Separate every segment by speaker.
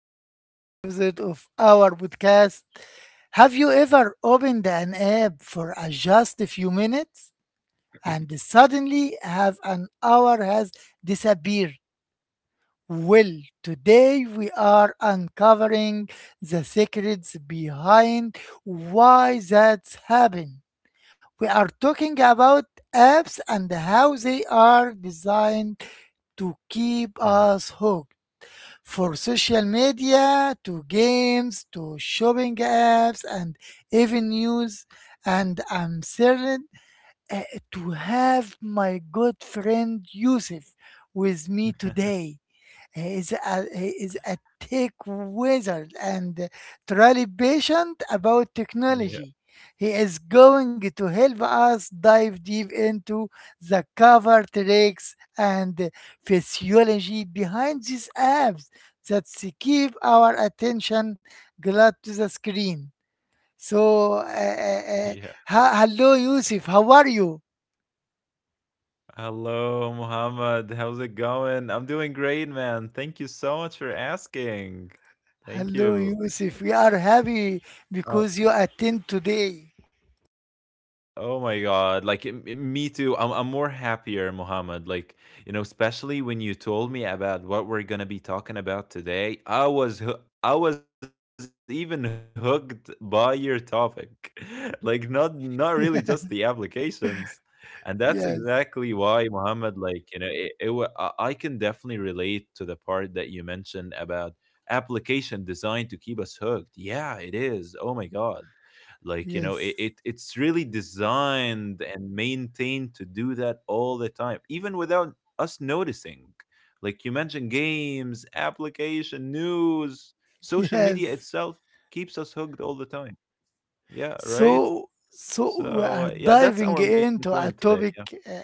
Speaker 1: to another episode of our podcast. Have you ever opened an app for a just a few minutes and suddenly have an hour has disappeared? Well, today we are uncovering the secrets behind why that's happened. We are talking about apps and how they are designed to keep
Speaker 2: Mhm.
Speaker 1: us hooked for social media to games to shopping apps and even news. And I'm certain uh, to have my good friend Yusuf with me today. He is a tech wizard and truly patient about
Speaker 2: Yeah,
Speaker 1: technology. He is going to help us dive deep into the cover tricks and physiology behind these apps that keep our attention glued to the screen. So, uh, uh,
Speaker 2: yeah.
Speaker 1: uh, Hello, Yusuf. How are you?
Speaker 2: Hello, Muhammad. How's it going? I'm doing great, man. Thank you so much for asking. Thank
Speaker 1: Hello,
Speaker 2: you.
Speaker 1: Yusuf. We are happy
Speaker 2: Uh,
Speaker 1: because you attend today.
Speaker 2: Oh my God. Me too. I'm more happier, Muhammad. Like, you know, especially when you told me about what we're going to be talking about today, I was even hooked by your topic. Like, not really just the applications. And that's exactly
Speaker 1: Yes.
Speaker 2: why, Muhammad, like, you know, I can definitely relate to the part that you mentioned about application designed to keep us hooked. Yeah, it is. Oh my God, like, you know, it,
Speaker 1: Yes.
Speaker 2: it's really designed and maintained to do that all the time, even without us noticing, like you mentioned: games, application, news, social media
Speaker 1: Yes.
Speaker 2: itself keeps us hooked all the time. Yeah, right.
Speaker 1: So so we are
Speaker 2: Yeah, that's
Speaker 1: diving
Speaker 2: our
Speaker 1: into
Speaker 2: main
Speaker 1: a
Speaker 2: point
Speaker 1: topic,
Speaker 2: today. Yeah,
Speaker 1: uh, uh,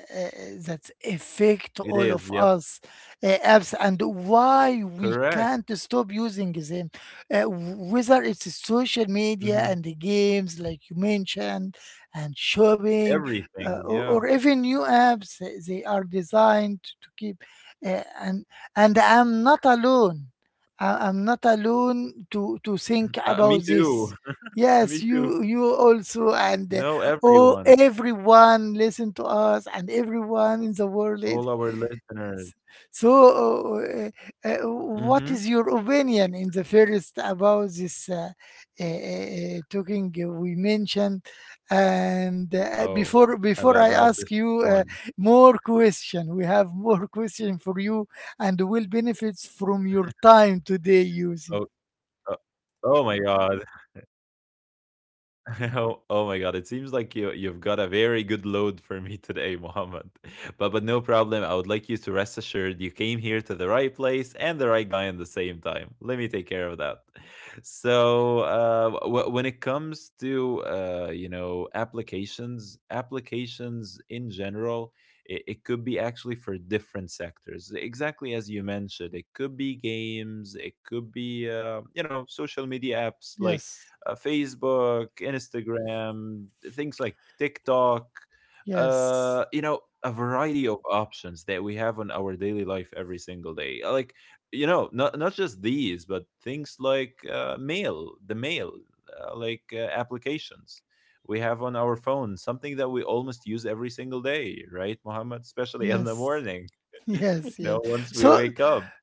Speaker 1: that affect all
Speaker 2: it
Speaker 1: of
Speaker 2: is, yep.
Speaker 1: us, apps and why we can't
Speaker 2: Correct.
Speaker 1: stop using them, whether it's social media and the
Speaker 2: Hmm
Speaker 1: games like you mentioned, and shopping, or
Speaker 2: everything,
Speaker 1: even
Speaker 2: yeah.
Speaker 1: new apps, they are designed to keep. Uh, and and i'm not alone. I'm not alone to think
Speaker 2: Me
Speaker 1: about
Speaker 2: too.
Speaker 1: this.
Speaker 2: Me
Speaker 1: Yes,
Speaker 2: too.
Speaker 1: you also, and
Speaker 2: No,
Speaker 1: oh,
Speaker 2: everyone,
Speaker 1: everyone listen to us and everyone in the world.
Speaker 2: all our listeners.
Speaker 1: So what is
Speaker 2: Hmm
Speaker 1: your opinion in the first about this, talking we mentioned? And
Speaker 2: Oh,
Speaker 1: before
Speaker 2: ab
Speaker 1: before I
Speaker 2: about
Speaker 1: ask
Speaker 2: this
Speaker 1: you,
Speaker 2: one.
Speaker 1: more question, we have more question for you and will benefits from your time today, Yusuf.
Speaker 2: Oh, uh, oh my god. Oh, oh my God! It seems like you've got a very good load for me today, Mohammed. But no problem. I would like you to rest assured you came here to the right place and the right guy at the same time. Let me take care of that. When it comes to you know, applications in general, it could be actually for different sectors. Exactly as you mentioned, it could be games. It could be you know, social media apps like
Speaker 1: Yes.
Speaker 2: Facebook, Instagram, things like TikTok,
Speaker 1: Yes.
Speaker 2: you know, a variety of options that we have on our daily life every single day. Like, you know, not just these, but things like the mail, applications we have on our phone, something that we almost use every single day, right, Mohammed? Especially in the
Speaker 1: Yes.
Speaker 2: morning, you
Speaker 1: Yes, yes.
Speaker 2: know, once we
Speaker 1: So,
Speaker 2: wake up.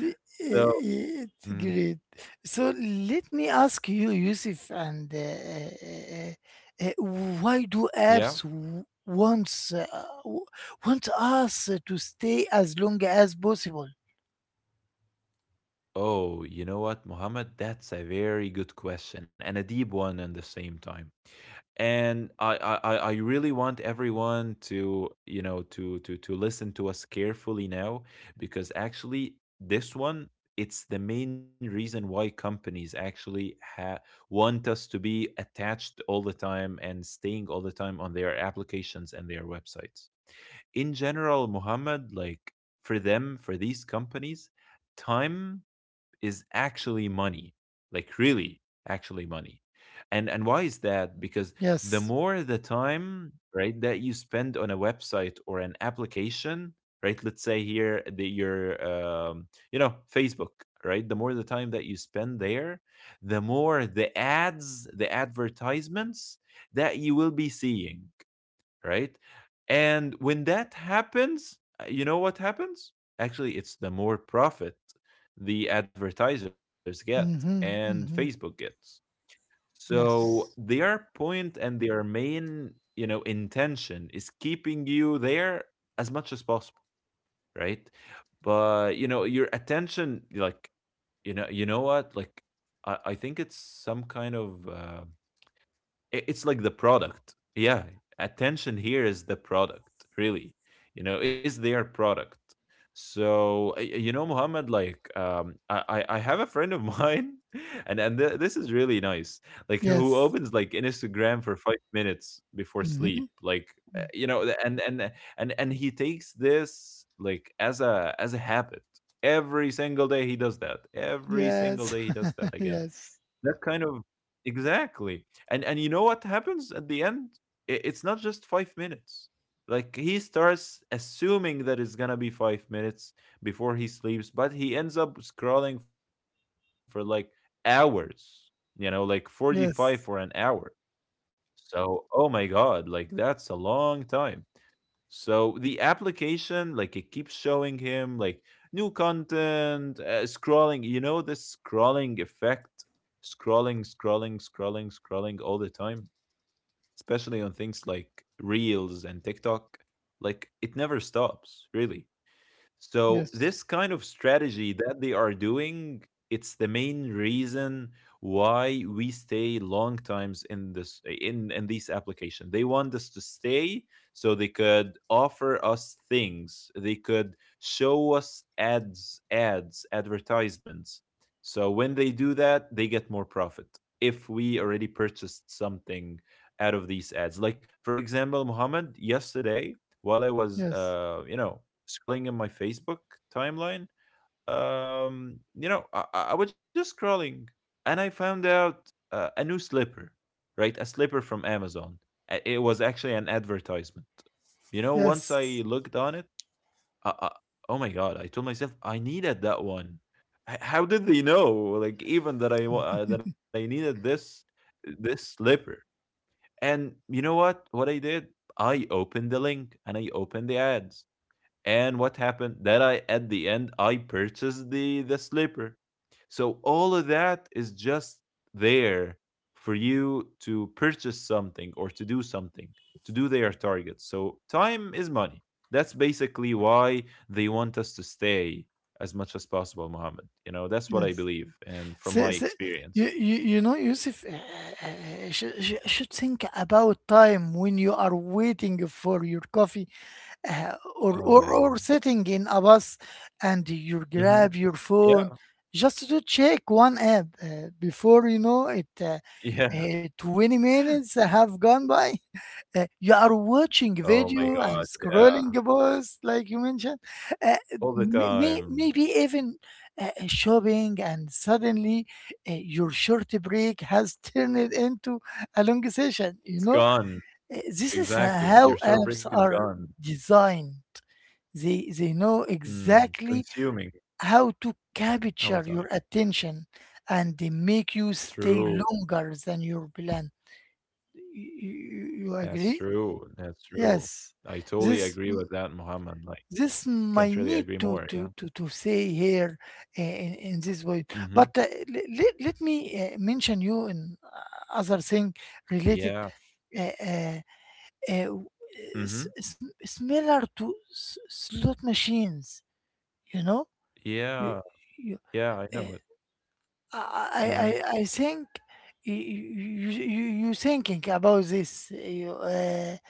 Speaker 1: the,
Speaker 2: So,
Speaker 1: it's
Speaker 2: mhm,
Speaker 1: great. So, let me ask you, Yusuf, and uh, uh, why do
Speaker 2: yeah.
Speaker 1: apps w- want us to stay as long as possible?
Speaker 2: Oh, you know what, Mohammed? That's a very good question and a deep one at the same time. And I really want everyone to, you know, to to listen to us carefully now, because actually this one, it's the main reason why companies want us to be attached all the time and staying all the time on their applications and their websites. In general, Mohammed, like, for them, for these companies, time is actually money, like really actually money. And why is that? Because the
Speaker 1: Yes.
Speaker 2: more the time, right, that you spend on a website or an application, right, let's say here the your you know, Facebook, right, the more the time that you spend there, the more the ads, the advertisements, that you will be seeing, right? And when that happens, you know what happens? Actually, it's the more profit the advertisers get
Speaker 1: Mm-hmm,
Speaker 2: and
Speaker 1: mm-hmm.
Speaker 2: Facebook gets. So
Speaker 1: Yes.
Speaker 2: their point and their main, you know, intention is keeping you there as much as possible, right? But you know, your attention, like, you know what? Like, I think it's some kind of. It's like the product. Yeah, attention here is the product, really. You know, is their product. So you know, Muhammad, like I have a friend of mine, this is really nice. Like, who
Speaker 1: Yes.
Speaker 2: opens like Instagram for 5 minutes before
Speaker 1: Mm-hmm.
Speaker 2: sleep, like, uh, you know, th- and and and he takes this like as a habit. Every single day he does that. Every single
Speaker 1: Yes.
Speaker 2: day he does that again,
Speaker 1: Yes.
Speaker 2: that kind of, exactly. And you know what happens at the end? It's not just 5 minutes. Like, he starts assuming that it's going to be 5 minutes before he sleeps, but he ends up scrolling for like hours. You know, like 45 for an hour.
Speaker 1: Yes.
Speaker 2: So, oh my god, like that's a long time. So the application, like, it keeps showing him like new content, scrolling, you know, this scrolling effect, scrolling all the time, especially on things like Reels and TikTok. Like, it never stops, really. So
Speaker 1: Yes.
Speaker 2: this kind of strategy that they are doing, it's the main reason why we stay long times in this in these application. They want us to stay so they could offer us things. They could show us ads, advertisements. So when they do that, they get more profit. If we already purchased something out of these ads, like for example, Muhammad yesterday while I was,
Speaker 1: Yes.
Speaker 2: you know, scrolling in my Facebook timeline. You know, I was just scrolling and I found out a new slipper, right? A slipper from Amazon. It was actually an advertisement. You know, once I
Speaker 1: Yes.
Speaker 2: looked on it, I, I, oh my God, I told myself I needed that one. How did they know, like, even that that I needed this slipper? And you know what? What I did, I opened the link and I opened the ads. And what happened? That I at the end I purchased the slipper. So all of that is just there for you to purchase something or to do something, to do their targets. So time is money. That's basically why they want us to stay as much as possible, Mohammed. You know, that's what I
Speaker 1: Yes.
Speaker 2: believe, and from
Speaker 1: So,
Speaker 2: my
Speaker 1: so
Speaker 2: experience.
Speaker 1: you know, Yusuf, should think about time when you are waiting for your coffee, uh, or,
Speaker 2: Oh
Speaker 1: or,
Speaker 2: yeah.
Speaker 1: or sitting in a bus, and you grab
Speaker 2: Hmm.
Speaker 1: your phone
Speaker 2: Yeah.
Speaker 1: just to check one app. Before you know it,
Speaker 2: Yeah.
Speaker 1: 20 minutes have gone by. You are watching
Speaker 2: Oh my
Speaker 1: video
Speaker 2: God.
Speaker 1: and
Speaker 2: Yeah.
Speaker 1: scrolling posts, like you mentioned, uh,
Speaker 2: All the time.
Speaker 1: maybe even shopping, and suddenly your short break has turned into a long session.
Speaker 2: It's
Speaker 1: You know.
Speaker 2: gone.
Speaker 1: This is
Speaker 2: Exactly,
Speaker 1: how
Speaker 2: your short break
Speaker 1: apps
Speaker 2: is
Speaker 1: are
Speaker 2: gone.
Speaker 1: designed. They know
Speaker 2: Mm,
Speaker 1: exactly
Speaker 2: consuming
Speaker 1: how to
Speaker 2: our
Speaker 1: capture
Speaker 2: time.
Speaker 1: your attention, and they make you stay
Speaker 2: True.
Speaker 1: longer than your plan. You
Speaker 2: That's
Speaker 1: agree?
Speaker 2: true. That's true.
Speaker 1: Yes,
Speaker 2: I totally
Speaker 1: this
Speaker 2: agree with that, Muhammad. Like,
Speaker 1: this might
Speaker 2: can't really
Speaker 1: need
Speaker 2: agree
Speaker 1: to
Speaker 2: more. Yeah.
Speaker 1: to to to say here, in this way.
Speaker 2: Mm-hmm.
Speaker 1: But let me mention you in other thing related,
Speaker 2: Yeah.
Speaker 1: uh, uh,
Speaker 2: Mm-hmm.
Speaker 1: similar to slot machines. You know, you
Speaker 2: Yeah.
Speaker 1: you.
Speaker 2: Yeah, I
Speaker 1: uh,
Speaker 2: know it.
Speaker 1: I,
Speaker 2: Mm-hmm.
Speaker 1: I, I think you thinking about this. you, uh,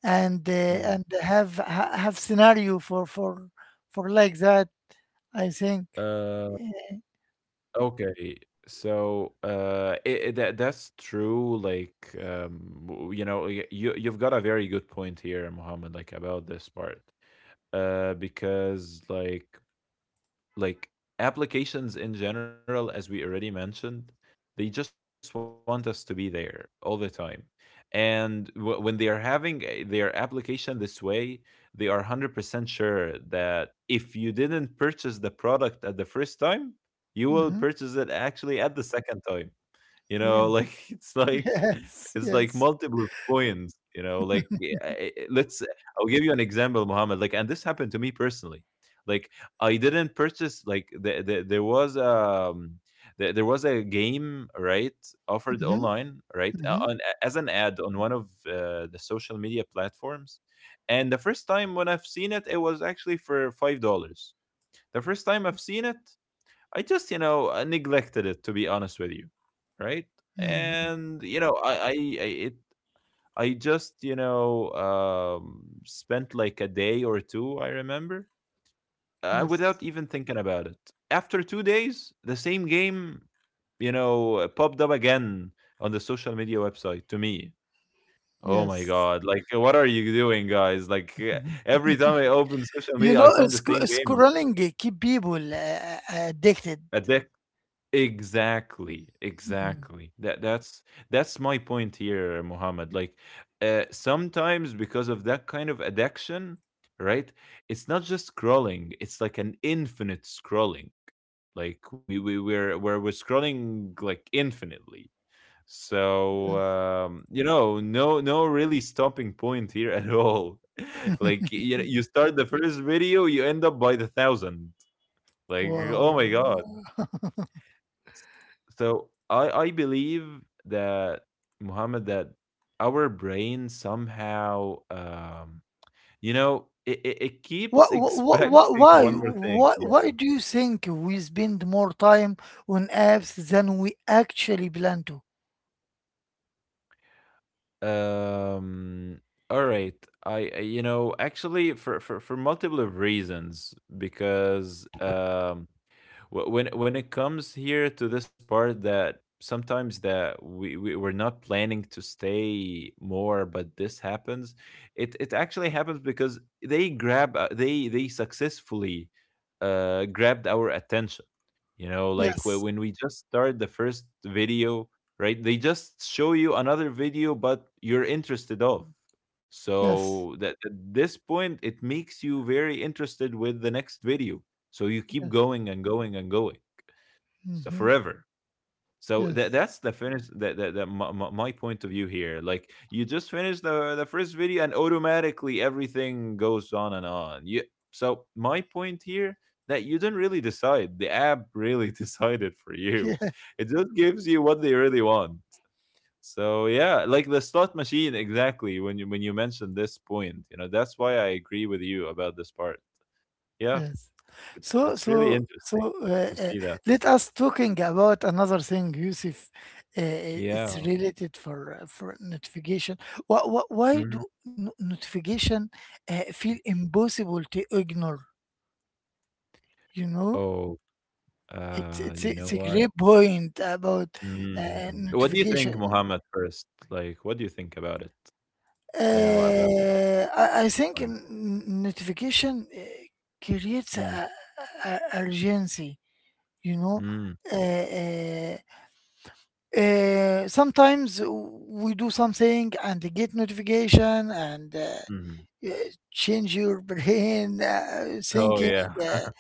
Speaker 1: and uh, and
Speaker 2: Mm.
Speaker 1: have have scenario for like that, I think.
Speaker 2: Uh,
Speaker 1: Yeah.
Speaker 2: okay. So, that that's true. Like, you know, you you've got a very good point here, Muhammad. Like, about this part. Because like applications in general, as we already mentioned, they just want us to be there all the time. And when they are their application this way, they are 100% sure that if you didn't purchase the product at the first time, you will purchase
Speaker 1: Mm-hmm.
Speaker 2: it actually at the second time. You know, like
Speaker 1: Yes.
Speaker 2: it's like
Speaker 1: Yes. Yes.
Speaker 2: multiple points, you know, like, yeah, let's I'll give you an example, Mohammed. Like, and this happened to me personally. Like, I didn't purchase like there was there was a game, right, offered
Speaker 1: Mm-hmm.
Speaker 2: online, right,
Speaker 1: Mm-hmm.
Speaker 2: as an ad on one of the social media platforms. And the first time when I've seen it, it was actually for $5. The first time I've seen it, I just, you know, I neglected it to be honest with you, right?
Speaker 1: Mm-hmm.
Speaker 2: And you know, I just, you know, spent like a day or two, I remember, without
Speaker 1: Yes.
Speaker 2: even thinking about it. After 2 days, the same game, you know, popped up again on the social media website to me. Oh my
Speaker 1: Yes.
Speaker 2: god! Like, what are you doing, guys? Like, every time I open social media, I find the same game.
Speaker 1: Scrolling keep people addicted.
Speaker 2: A deck. Exactly,
Speaker 1: Mm.
Speaker 2: exactly. That's my point here, Muhammad. Like, sometimes because of that kind of addiction, right? It's not just scrolling, it's like an infinite scrolling. Like we're scrolling like infinitely. So
Speaker 1: Yes.
Speaker 2: you know, no really stopping point here at all. Like, you start the first video, you end up by the thousand. Like, oh my
Speaker 1: Wow.
Speaker 2: god. So I believe that, Muhammad, that our brain somehow, you know, it
Speaker 1: What,
Speaker 2: keeps
Speaker 1: what,
Speaker 2: expecting one more thing. Yeah.
Speaker 1: why do you think we spend more time on apps than we actually plan to?
Speaker 2: um all right. I You know, actually, for for multiple of reasons, because when it comes here to this part that sometimes that we're not planning to stay more, but this happens. It actually happens because they grab, they successfully grabbed our attention. You know, like,
Speaker 1: Yes,
Speaker 2: when we just start the first video, right? They just show you another video, but you're interested of.
Speaker 1: yes,
Speaker 2: So that at this point, it makes you very interested with the next video. So you keep
Speaker 1: yes.
Speaker 2: going and going and going, so
Speaker 1: Hmm.
Speaker 2: forever. So that
Speaker 1: Yes.
Speaker 2: that's the finish that my, my point of view here. Like, you just finish the first video and automatically everything goes on and on. You so my point here that you didn't really decide. The app really decided for you.
Speaker 1: Yeah.
Speaker 2: It just gives you what they really want. So yeah, like the slot machine exactly when you mentioned this point, you know, that's why I agree with you about this part. Yeah,
Speaker 1: Yes. So,
Speaker 2: it's really
Speaker 1: so,
Speaker 2: interesting
Speaker 1: so, uh,
Speaker 2: to
Speaker 1: uh,
Speaker 2: see that.
Speaker 1: let us talking about another thing, Yusuf. It's
Speaker 2: Yeah.
Speaker 1: related for notification. Why do
Speaker 2: Mhm.
Speaker 1: notification feel impossible to ignore? You know.
Speaker 2: Oh,
Speaker 1: It's it's
Speaker 2: you
Speaker 1: a-
Speaker 2: know
Speaker 1: it's a
Speaker 2: what?
Speaker 1: great point about
Speaker 2: Mm. What do you think,
Speaker 1: notification.
Speaker 2: Muhammad, first? Like, what do you think about it? You know, about
Speaker 1: I think
Speaker 2: porn?
Speaker 1: notification creates
Speaker 2: Mm,
Speaker 1: urgency. You know,
Speaker 2: mm,
Speaker 1: uh, sometimes we do something and get notification, and
Speaker 2: mhm.
Speaker 1: uh, change your brain
Speaker 2: Oh,
Speaker 1: thinking.
Speaker 2: yeah.
Speaker 1: uh,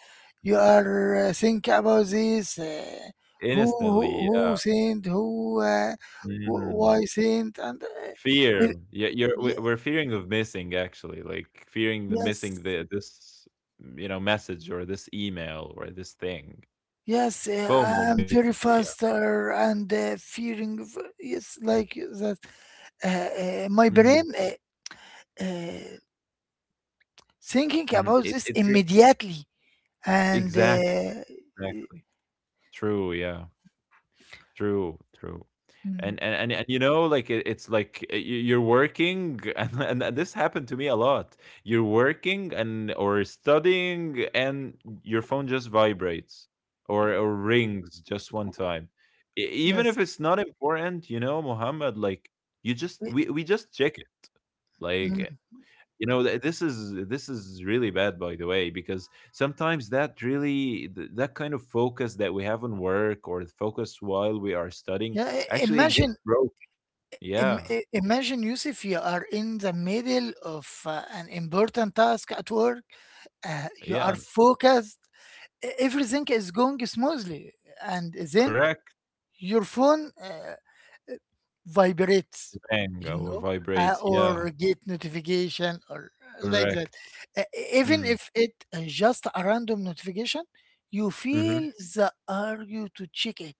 Speaker 1: you are think about this. uh, who who
Speaker 2: Instantly, yeah.
Speaker 1: who sent who,
Speaker 2: Mm.
Speaker 1: why sent, and
Speaker 2: Fear.
Speaker 1: it-
Speaker 2: Yeah, you're
Speaker 1: ye-
Speaker 2: we- we're fearing of missing actually, like fearing the
Speaker 1: yes
Speaker 2: missing you know, message or this email or this thing.
Speaker 1: yes.
Speaker 2: FOMO
Speaker 1: I'm very
Speaker 2: basically, yeah.
Speaker 1: faster and fearing, yes like that. Uh, My
Speaker 2: Hmm.
Speaker 1: brain uh, thinking
Speaker 2: Hmm.
Speaker 1: about this immediately and
Speaker 2: Exactly, exactly. True, yeah. True, true.
Speaker 1: Mm.
Speaker 2: And, you know, like, it's like, you you're working and this happened to me a lot. You're working and or studying, and your phone just vibrates or rings just one time. E even if
Speaker 1: Yes.
Speaker 2: it's not important, you know, Muhammad. Like, you just we just check it. Like,
Speaker 1: Mm.
Speaker 2: you know, th this is really bad, by the way, because sometimes that really th that kind of focus that we have on work or the focus while we are studying
Speaker 1: Yeah.
Speaker 2: actually gets
Speaker 1: Imagine.
Speaker 2: broke. Yeah,
Speaker 1: Imagine, Yusuf, you are in the middle of an important task at work. You are
Speaker 2: yeah,
Speaker 1: focused. Everything is going smoothly. And then
Speaker 2: correct.
Speaker 1: your phone vibrates,
Speaker 2: Bang
Speaker 1: you
Speaker 2: or
Speaker 1: know,
Speaker 2: vibrates. Yeah,
Speaker 1: or get notification, or like that.
Speaker 2: correct.
Speaker 1: Uh, Even
Speaker 2: Mm.
Speaker 1: if it just a random notification, you
Speaker 2: Hmm.
Speaker 1: feel the urge to check it.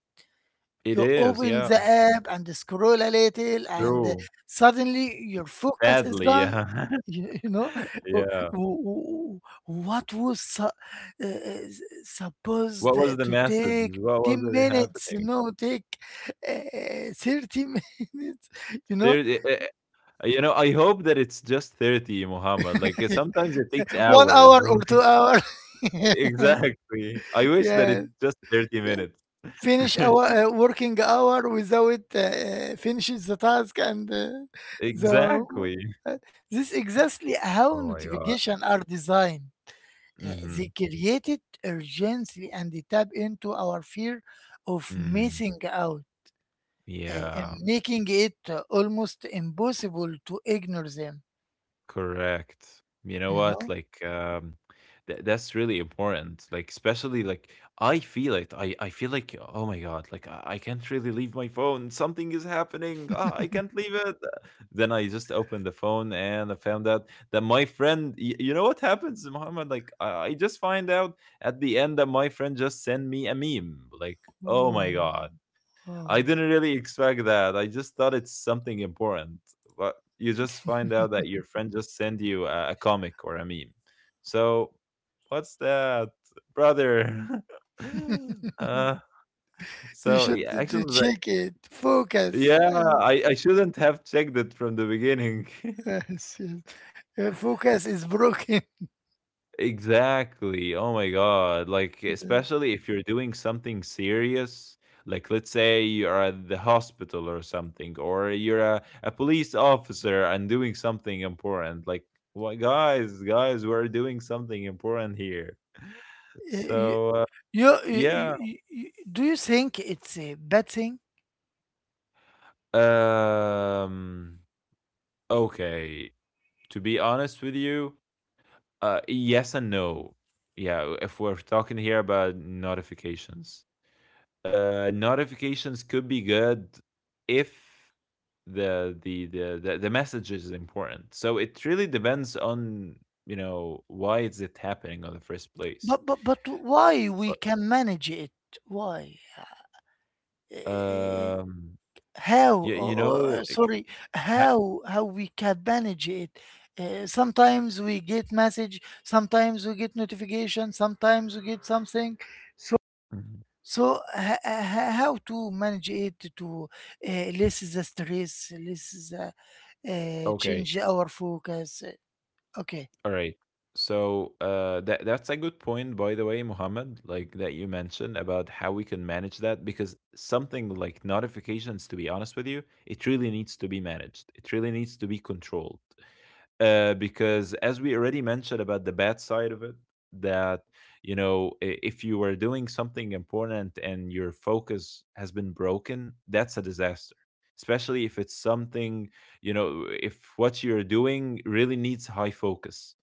Speaker 2: It
Speaker 1: You
Speaker 2: is.
Speaker 1: open
Speaker 2: Yeah,
Speaker 1: the app and scroll a little, and
Speaker 2: true.
Speaker 1: suddenly your focus is
Speaker 2: Badly.
Speaker 1: gone.
Speaker 2: Yeah,
Speaker 1: You, you know, Wh-
Speaker 2: yeah.
Speaker 1: wh- what was uh, supposed
Speaker 2: What was the
Speaker 1: to
Speaker 2: message?
Speaker 1: take
Speaker 2: What
Speaker 1: 10
Speaker 2: was it
Speaker 1: minutes, you
Speaker 2: happening?
Speaker 1: know, take 30 minutes, you know,
Speaker 2: 30, you know, I hope that it's just 30, Muhammad. Like sometimes it takes
Speaker 1: one
Speaker 2: hours.
Speaker 1: hour or two hours.
Speaker 2: Exactly. I wish that
Speaker 1: Yeah.
Speaker 2: it's just 30 minutes.
Speaker 1: Finish our working hour without finishes the task and the
Speaker 2: Exactly.
Speaker 1: uh, this exactly how
Speaker 2: Oh my god.
Speaker 1: notification are designed. They
Speaker 2: Mhm.
Speaker 1: created urgency and they tap into our fear of
Speaker 2: Mm.
Speaker 1: missing out, and
Speaker 2: Yeah.
Speaker 1: making it almost impossible to ignore them.
Speaker 2: Correct. You know
Speaker 1: You
Speaker 2: what?
Speaker 1: know.
Speaker 2: Like, tha that's really important. Like, especially like I feel it. I feel like, oh my God, like I can't really leave my phone. Something is happening. Ah, I can't leave it. Then I just opened the phone and I found out that my friend. You know what happens, Muhammad? Like, I just find out at the end that my friend just sent me a meme. Like, oh
Speaker 1: Wow,
Speaker 2: my God,
Speaker 1: wow.
Speaker 2: I didn't really expect that. I just thought it's something important. You just find out that your friend just sent you a comic or a meme. So, what's that, brother? uh,
Speaker 1: You
Speaker 2: so
Speaker 1: should
Speaker 2: yeah,
Speaker 1: to
Speaker 2: actually, like,
Speaker 1: check it focus.
Speaker 2: yeah, I shouldn't have checked it from the beginning.
Speaker 1: Yes, yes. Focus is broken.
Speaker 2: Exactly. Oh my God. Like, especially if you're doing something serious, like let's say you're at the hospital or something, or you're a police officer and doing something important. Like, what, guys, guys, we're doing something important here.
Speaker 1: Uh, You,
Speaker 2: So, yeah.
Speaker 1: do you think it's a bad thing?
Speaker 2: Um, okay. To be honest with you, yes and no. Yeah, if we're talking here about notifications. Notifications could be good if the message is important. So it really depends on, you know, why is it happening on the first place.
Speaker 1: But why we
Speaker 2: But
Speaker 1: can manage it? Why? Uh,
Speaker 2: um,
Speaker 1: how?
Speaker 2: you know, like,
Speaker 1: Sorry,
Speaker 2: ha-
Speaker 1: how we can manage it? Sometimes we get message, sometimes we get notification, sometimes we get something. So
Speaker 2: mhm.
Speaker 1: so how to manage it, to less the stress, less the,
Speaker 2: Okay,
Speaker 1: change our focus. Okay.
Speaker 2: all right. So that that's a good point, by the way, Mohammed. Like that you mentioned about how we can manage that, because something like notifications, to be honest with you, it really needs to be managed. It really needs to be controlled, because as we already mentioned about the bad side of it, that, you know, I- if you were doing something important and your focus has been broken, that's a disaster, especially if it's something, you know, if what you're doing really needs high focus.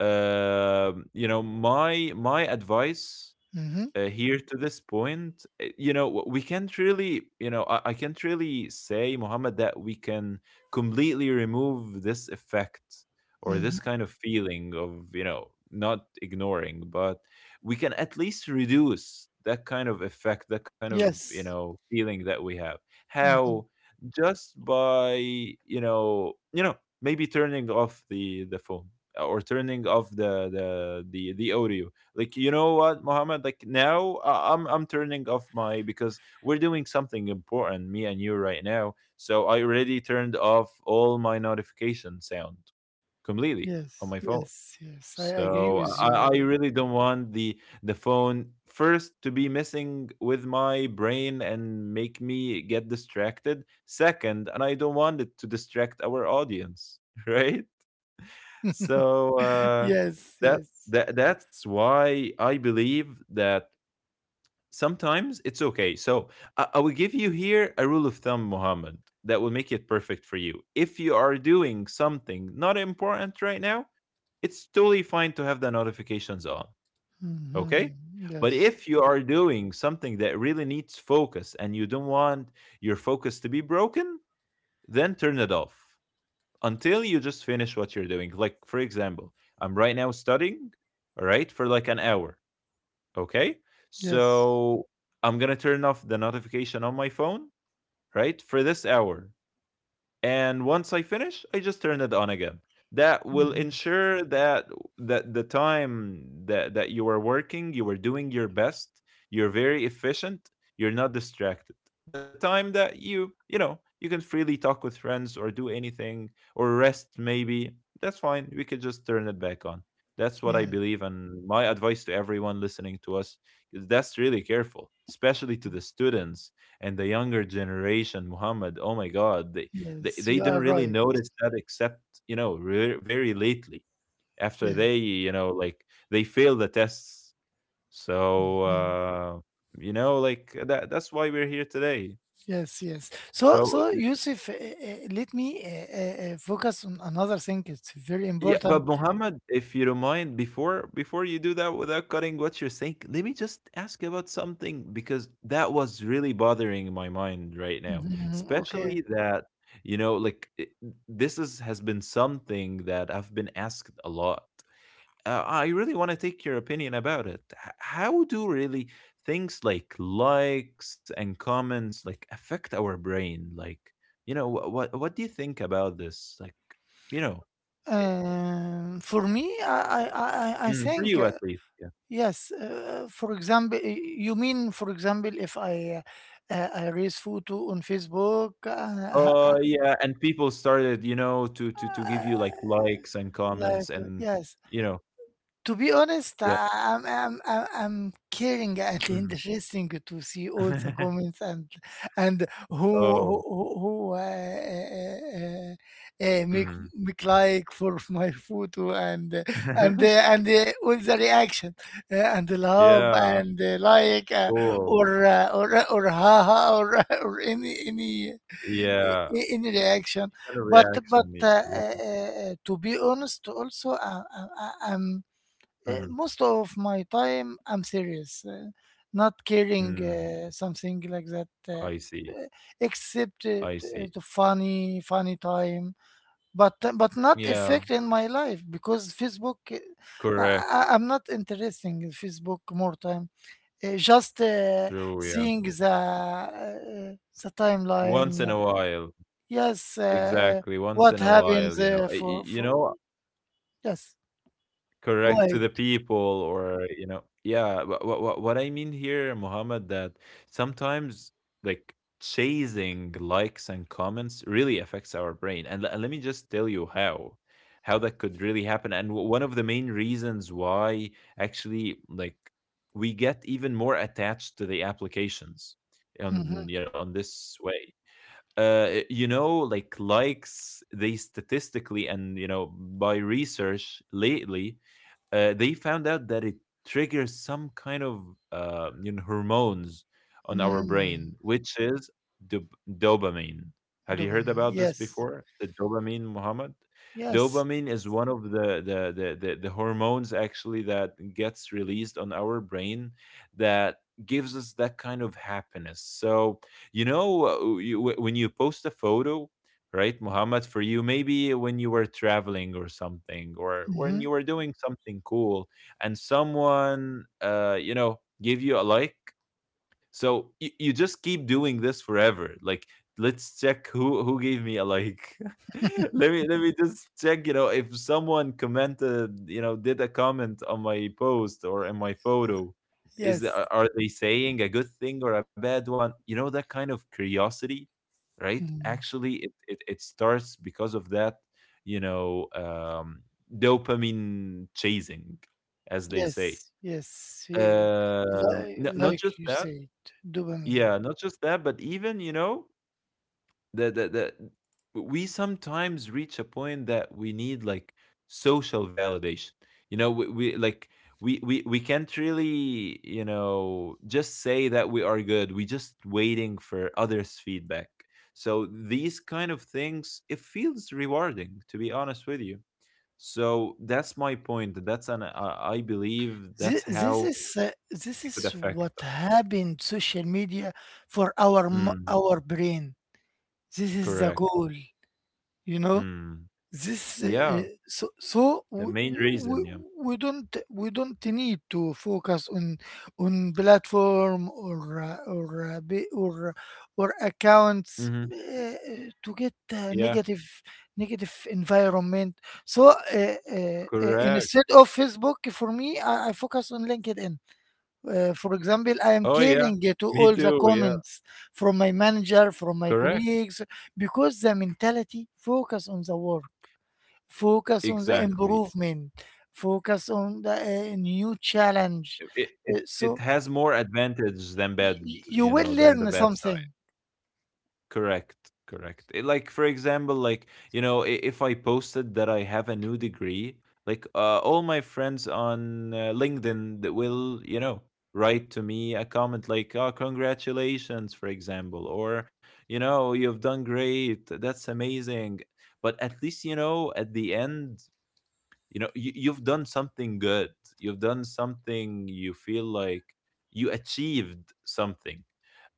Speaker 2: You know, my advice
Speaker 1: Mm-hmm.
Speaker 2: here to this point, you know, we can't really, you know, I can't really say, Muhammad, that we can completely remove this effect or this
Speaker 1: Mm-hmm.
Speaker 2: kind of feeling of, you know, not ignoring, but we can at least reduce that kind of effect, that kind of, you
Speaker 1: Yes.
Speaker 2: know, feeling that we have.
Speaker 1: Mm-hmm.
Speaker 2: How? Just by, you know, you know, maybe turning off the phone, or turning off the audio. Like, you know what, Mohammed, like now, I'm turning off my, because we're doing something important, me and you, right now. So I already turned off all my notification sound completely on
Speaker 1: Yes.
Speaker 2: my phone.
Speaker 1: Yes. Yes. I agree
Speaker 2: So
Speaker 1: with
Speaker 2: I
Speaker 1: you.
Speaker 2: really don't want the phone first to be messing with my brain and make me get distracted second, and I don't want it to distract our audience right? So
Speaker 1: Yes.
Speaker 2: that
Speaker 1: Yes.
Speaker 2: that's why I believe that sometimes it's okay. So I will give you here a rule of thumb, Mohammed, that will make it perfect for you. If you are doing something not important right now, it's totally fine to have the notifications on. Okay.
Speaker 1: Mm-hmm.
Speaker 2: But
Speaker 1: Yes.
Speaker 2: if you are doing something that really needs focus and you don't want your focus to be broken, then turn it off until you just finish what you're doing. Like, for example, I'm right now studying, all right, for like an hour. Okay.
Speaker 1: Yes.
Speaker 2: So I'm going to turn off the notification on my phone, right, for this hour, and once I finish, I just turn it on again. That will
Speaker 1: Mm-hmm.
Speaker 2: ensure that the time that that you are working, you are doing your best, you're very efficient, you're not distracted. The time that you know, you can freely talk with friends or do anything or rest maybe, that's fine. We could just turn it back on. That's what I
Speaker 1: Yeah.
Speaker 2: believe, and my advice to everyone listening to us is that's really careful, especially to the students and the younger generation. Muhammad, oh my God,
Speaker 1: Yes.
Speaker 2: they
Speaker 1: You
Speaker 2: didn't
Speaker 1: are
Speaker 2: really
Speaker 1: right.
Speaker 2: notice that except, you know, re very lately after they,
Speaker 1: Yes.
Speaker 2: you know, like they failed the tests. So,
Speaker 1: Mhm.
Speaker 2: you know, like that's why we're here today.
Speaker 1: Yes, yes. So,
Speaker 2: So,
Speaker 1: so Yusuf, let me focus on another thing. It's very
Speaker 2: yeah,
Speaker 1: important.
Speaker 2: but Mohammed, if you don't mind, before you do that without cutting what you're saying, let me just ask you about something, because that was really bothering my mind right now.
Speaker 1: Mhm, mhm. Okay.
Speaker 2: Especially that, you know, like it, this is has been something that I've been asked a lot. I really want to take your opinion about it. H- how do really things like likes and comments like affect our brain? Like, you know, what do you think about this? Like, you know, i-
Speaker 1: For me, I
Speaker 2: mm, for
Speaker 1: think,
Speaker 2: you at least. Yeah.
Speaker 1: yes, for example, you mean, for example, if I raise photo on Facebook,
Speaker 2: Oh yeah, and people started, you know, to to
Speaker 1: uh,
Speaker 2: give you like likes and comments
Speaker 1: like,
Speaker 2: and,
Speaker 1: yes.
Speaker 2: you know,
Speaker 1: To be honest,
Speaker 2: yeah.
Speaker 1: I'm caring and
Speaker 2: Mhm.
Speaker 1: interesting to see all the comments, and
Speaker 2: Oh.
Speaker 1: who, uh, make
Speaker 2: Mhm.
Speaker 1: make like for my photo, and uh, and all the reaction, and the love
Speaker 2: yeah.
Speaker 1: and like,
Speaker 2: Cool.
Speaker 1: or haha or or
Speaker 2: Yeah.
Speaker 1: any reaction,
Speaker 2: Kind of
Speaker 1: but
Speaker 2: reaction.
Speaker 1: but uh,
Speaker 2: Yeah.
Speaker 1: uh, uh, to be honest, also, I'm.
Speaker 2: Mhm,
Speaker 1: Most of my time, I'm serious, not caring
Speaker 2: mm.
Speaker 1: something like that,
Speaker 2: I see.
Speaker 1: uh, except
Speaker 2: I see.
Speaker 1: the funny, funny time. But not
Speaker 2: Yeah,
Speaker 1: effect in my life, because Facebook, uh, I,
Speaker 2: correct.
Speaker 1: I- I'm not interesting in Facebook more time. Just
Speaker 2: True, yeah.
Speaker 1: seeing the
Speaker 2: Once in a
Speaker 1: timeline.
Speaker 2: while.
Speaker 1: Yes.
Speaker 2: Exactly. Once in a
Speaker 1: What
Speaker 2: while, you know.
Speaker 1: happens uh,
Speaker 2: You
Speaker 1: for
Speaker 2: know,
Speaker 1: for yes.
Speaker 2: correct,
Speaker 1: Go
Speaker 2: to the
Speaker 1: ahead.
Speaker 2: people or, you know, yeah, what I mean here, Muhammad, that sometimes like chasing likes and comments really affects our brain, and, and let me just tell you how that could really happen, and one of the main reasons why actually like we get even more attached to the applications on,
Speaker 1: Mhm.
Speaker 2: you know, on this way. You know, like likes, they statistically and, you know, by research lately, they found out that it triggers some kind of, you know, hormones on our
Speaker 1: Mm.
Speaker 2: brain, which is dopamine. Have you heard
Speaker 1: Dopamine.
Speaker 2: about this
Speaker 1: Yes.
Speaker 2: before? The dopamine, Muhammad.
Speaker 1: Yes.
Speaker 2: Dopamine is one of the hormones actually that gets released on our brain that gives us that kind of happiness. So, you know, when you post a photo, right, Muhammad, for you, maybe when you were traveling or something, or when
Speaker 1: Hmm.
Speaker 2: you were doing something cool, and someone, you know, give you a like, so you just keep doing this forever. Like, let's check who gave me a like. Let me let me just check, you know, if someone commented, you know, did a comment on my post or in my photo. Is the-
Speaker 1: Yes.
Speaker 2: are they saying a good thing or a bad one? You know, that kind of curiosity, right?
Speaker 1: Mm.
Speaker 2: Actually it it, it starts because of that, you know, dopamine chasing, as they
Speaker 1: Yes.
Speaker 2: say.
Speaker 1: Yes.
Speaker 2: Not
Speaker 1: Like
Speaker 2: just
Speaker 1: you
Speaker 2: that,
Speaker 1: said, dopamine.
Speaker 2: yeah, not just that, but even, you know, that we sometimes reach a point that we need like social validation. You know, we like we we can't really, you know, just say that we are good. We just waiting for others' feedback. So these kind of things, it feels rewarding, to be honest with you. So that's my point. That's an I believe that's
Speaker 1: This
Speaker 2: how
Speaker 1: is
Speaker 2: it could affect
Speaker 1: what
Speaker 2: us.
Speaker 1: happened social media for our m-
Speaker 2: Mm,
Speaker 1: our brain. This is the
Speaker 2: correct.
Speaker 1: goal, you know.
Speaker 2: Mm,
Speaker 1: This uh, uh,
Speaker 2: yeah.
Speaker 1: so so
Speaker 2: The main reason, yeah.
Speaker 1: we don't need to focus on platform, or or
Speaker 2: Mhm.
Speaker 1: accounts, to get
Speaker 2: Yeah,
Speaker 1: negative environment. So
Speaker 2: correct.
Speaker 1: instead of Facebook, for me, I focus on LinkedIn. For example, I
Speaker 2: Oh,
Speaker 1: am
Speaker 2: yeah.
Speaker 1: caring to
Speaker 2: Me
Speaker 1: all
Speaker 2: too,
Speaker 1: the
Speaker 2: yeah.
Speaker 1: comments from my manager, from my
Speaker 2: Correct.
Speaker 1: colleagues, because the mentality focus on the work. Focus on the
Speaker 2: Exactly.
Speaker 1: improvement, focus on the new challenge.
Speaker 2: It it it it
Speaker 1: So
Speaker 2: has more advantage than bad,
Speaker 1: you
Speaker 2: you
Speaker 1: will
Speaker 2: know, than the
Speaker 1: learn
Speaker 2: bad
Speaker 1: something.
Speaker 2: side. Correct, correct. Eh, like for example, like, you know, if I posted that I have a new degree, like all my friends on LinkedIn that will, you know, write to me a comment like, "Oh, congratulations," for example, or, you know, "You've done great. That's amazing." But at least at the end, you've done something good. You've done something you feel like you achieved something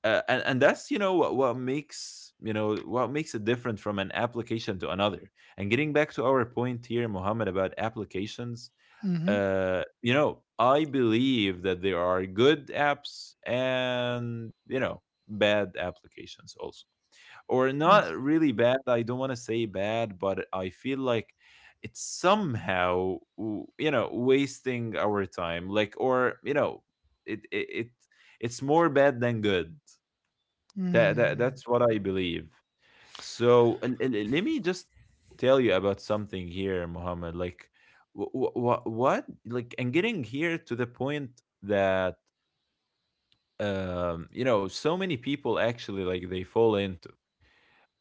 Speaker 2: and that's what makes what makes it different from an application to another. And getting back to our point here, Mohammed, about applications,
Speaker 1: Hmm.
Speaker 2: I believe that there are good apps, and bad applications also. Or not
Speaker 1: Yes.
Speaker 2: really bad, I don't want to say bad, but I feel like it's somehow wasting our time, like, or it it's more bad than good. That
Speaker 1: Mm.
Speaker 2: that's what I believe. So let me just tell you about something here, Muhammad. Like, what? Like, and getting here to the point that so many people actually like they fall into.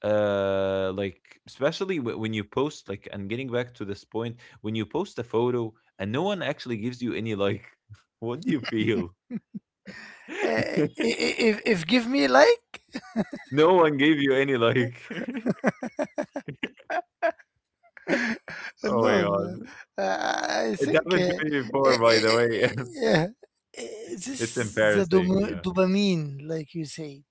Speaker 2: Like especially when you post, like, and getting back to this point, when you post a photo and no one actually gives you any like, what do you feel?
Speaker 1: Uh, i- i- if, if give me like.
Speaker 2: No one gave you any like. Oh my
Speaker 1: No, no.
Speaker 2: God.
Speaker 1: Uh, I
Speaker 2: It
Speaker 1: think,
Speaker 2: happened to me
Speaker 1: uh,
Speaker 2: before, by the way.
Speaker 1: uh, uh, this
Speaker 2: It's
Speaker 1: is the
Speaker 2: embarrassing, yeah.
Speaker 1: dopamine, like you say,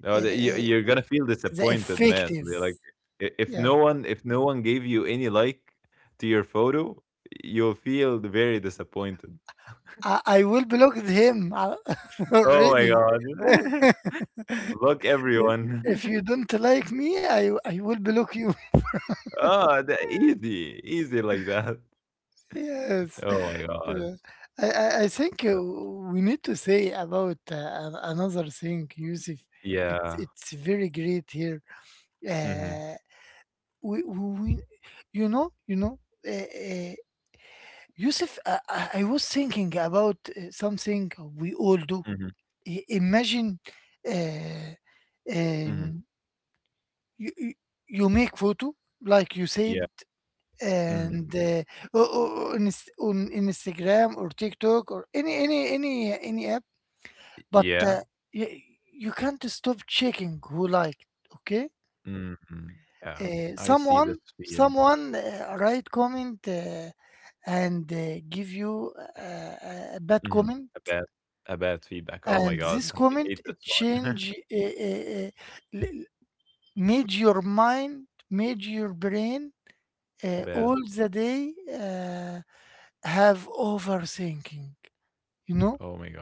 Speaker 2: No,
Speaker 1: uh,
Speaker 2: the-
Speaker 1: uh,
Speaker 2: you're gonna feel
Speaker 1: the
Speaker 2: disappointed, man.
Speaker 1: effective.
Speaker 2: They're like,
Speaker 1: Yeah,
Speaker 2: if no one gave you any like to your photo, you'll feel very disappointed.
Speaker 1: I will block him
Speaker 2: Oh my
Speaker 1: already.
Speaker 2: God! Look,
Speaker 1: I- If
Speaker 2: everyone.
Speaker 1: you don't like me, I will block you.
Speaker 2: Oh, the, easy, easy like that.
Speaker 1: Yes.
Speaker 2: Oh my God.
Speaker 1: Yeah. I, I think we need to say about another thing, Yusuf. It's
Speaker 2: Yeah.
Speaker 1: it's very great here.
Speaker 2: Mm-hmm.
Speaker 1: Uh, we- you know uh, uh, Yusuf, I was thinking about something we all do.
Speaker 2: Mm-hmm.
Speaker 1: Imagine, uh,
Speaker 2: Mm-hmm.
Speaker 1: um, you you you make photo like you said,
Speaker 2: Yeah. Mm-hmm.
Speaker 1: and o- o- on, Ins- on Instagram or TikTok or any app. But
Speaker 2: Yeah.
Speaker 1: uh, you, you can't stop checking who liked. Okay,
Speaker 2: Mm-hmm. Yeah. I see this.
Speaker 1: someone write comment, and give you a bad
Speaker 2: Mhm.
Speaker 1: comment,
Speaker 2: A bad, a bad feedback. Oh my
Speaker 1: and
Speaker 2: god,
Speaker 1: this
Speaker 2: I
Speaker 1: comment
Speaker 2: hate this one.
Speaker 1: change, l- made your mind, made your brain
Speaker 2: Bad.
Speaker 1: all the day, uh, have overthinking, you know
Speaker 2: Oh my god.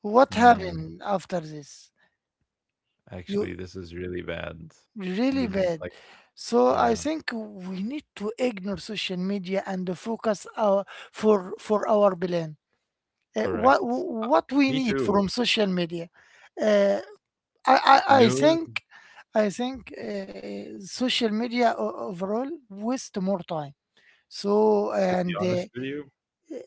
Speaker 1: what
Speaker 2: Mm,
Speaker 1: happened after this. You
Speaker 2: actually, this is really bad.
Speaker 1: really
Speaker 2: Mm,
Speaker 1: bad.
Speaker 2: like,
Speaker 1: So I
Speaker 2: yeah,
Speaker 1: think we need to ignore social media and focus our, for our plan. Uh, what
Speaker 2: correct.
Speaker 1: what we
Speaker 2: Me
Speaker 1: need
Speaker 2: too.
Speaker 1: from social media? uh, I, I i
Speaker 2: News,
Speaker 1: think I think social media, overall waste more time. So
Speaker 2: to be
Speaker 1: and
Speaker 2: honest with you,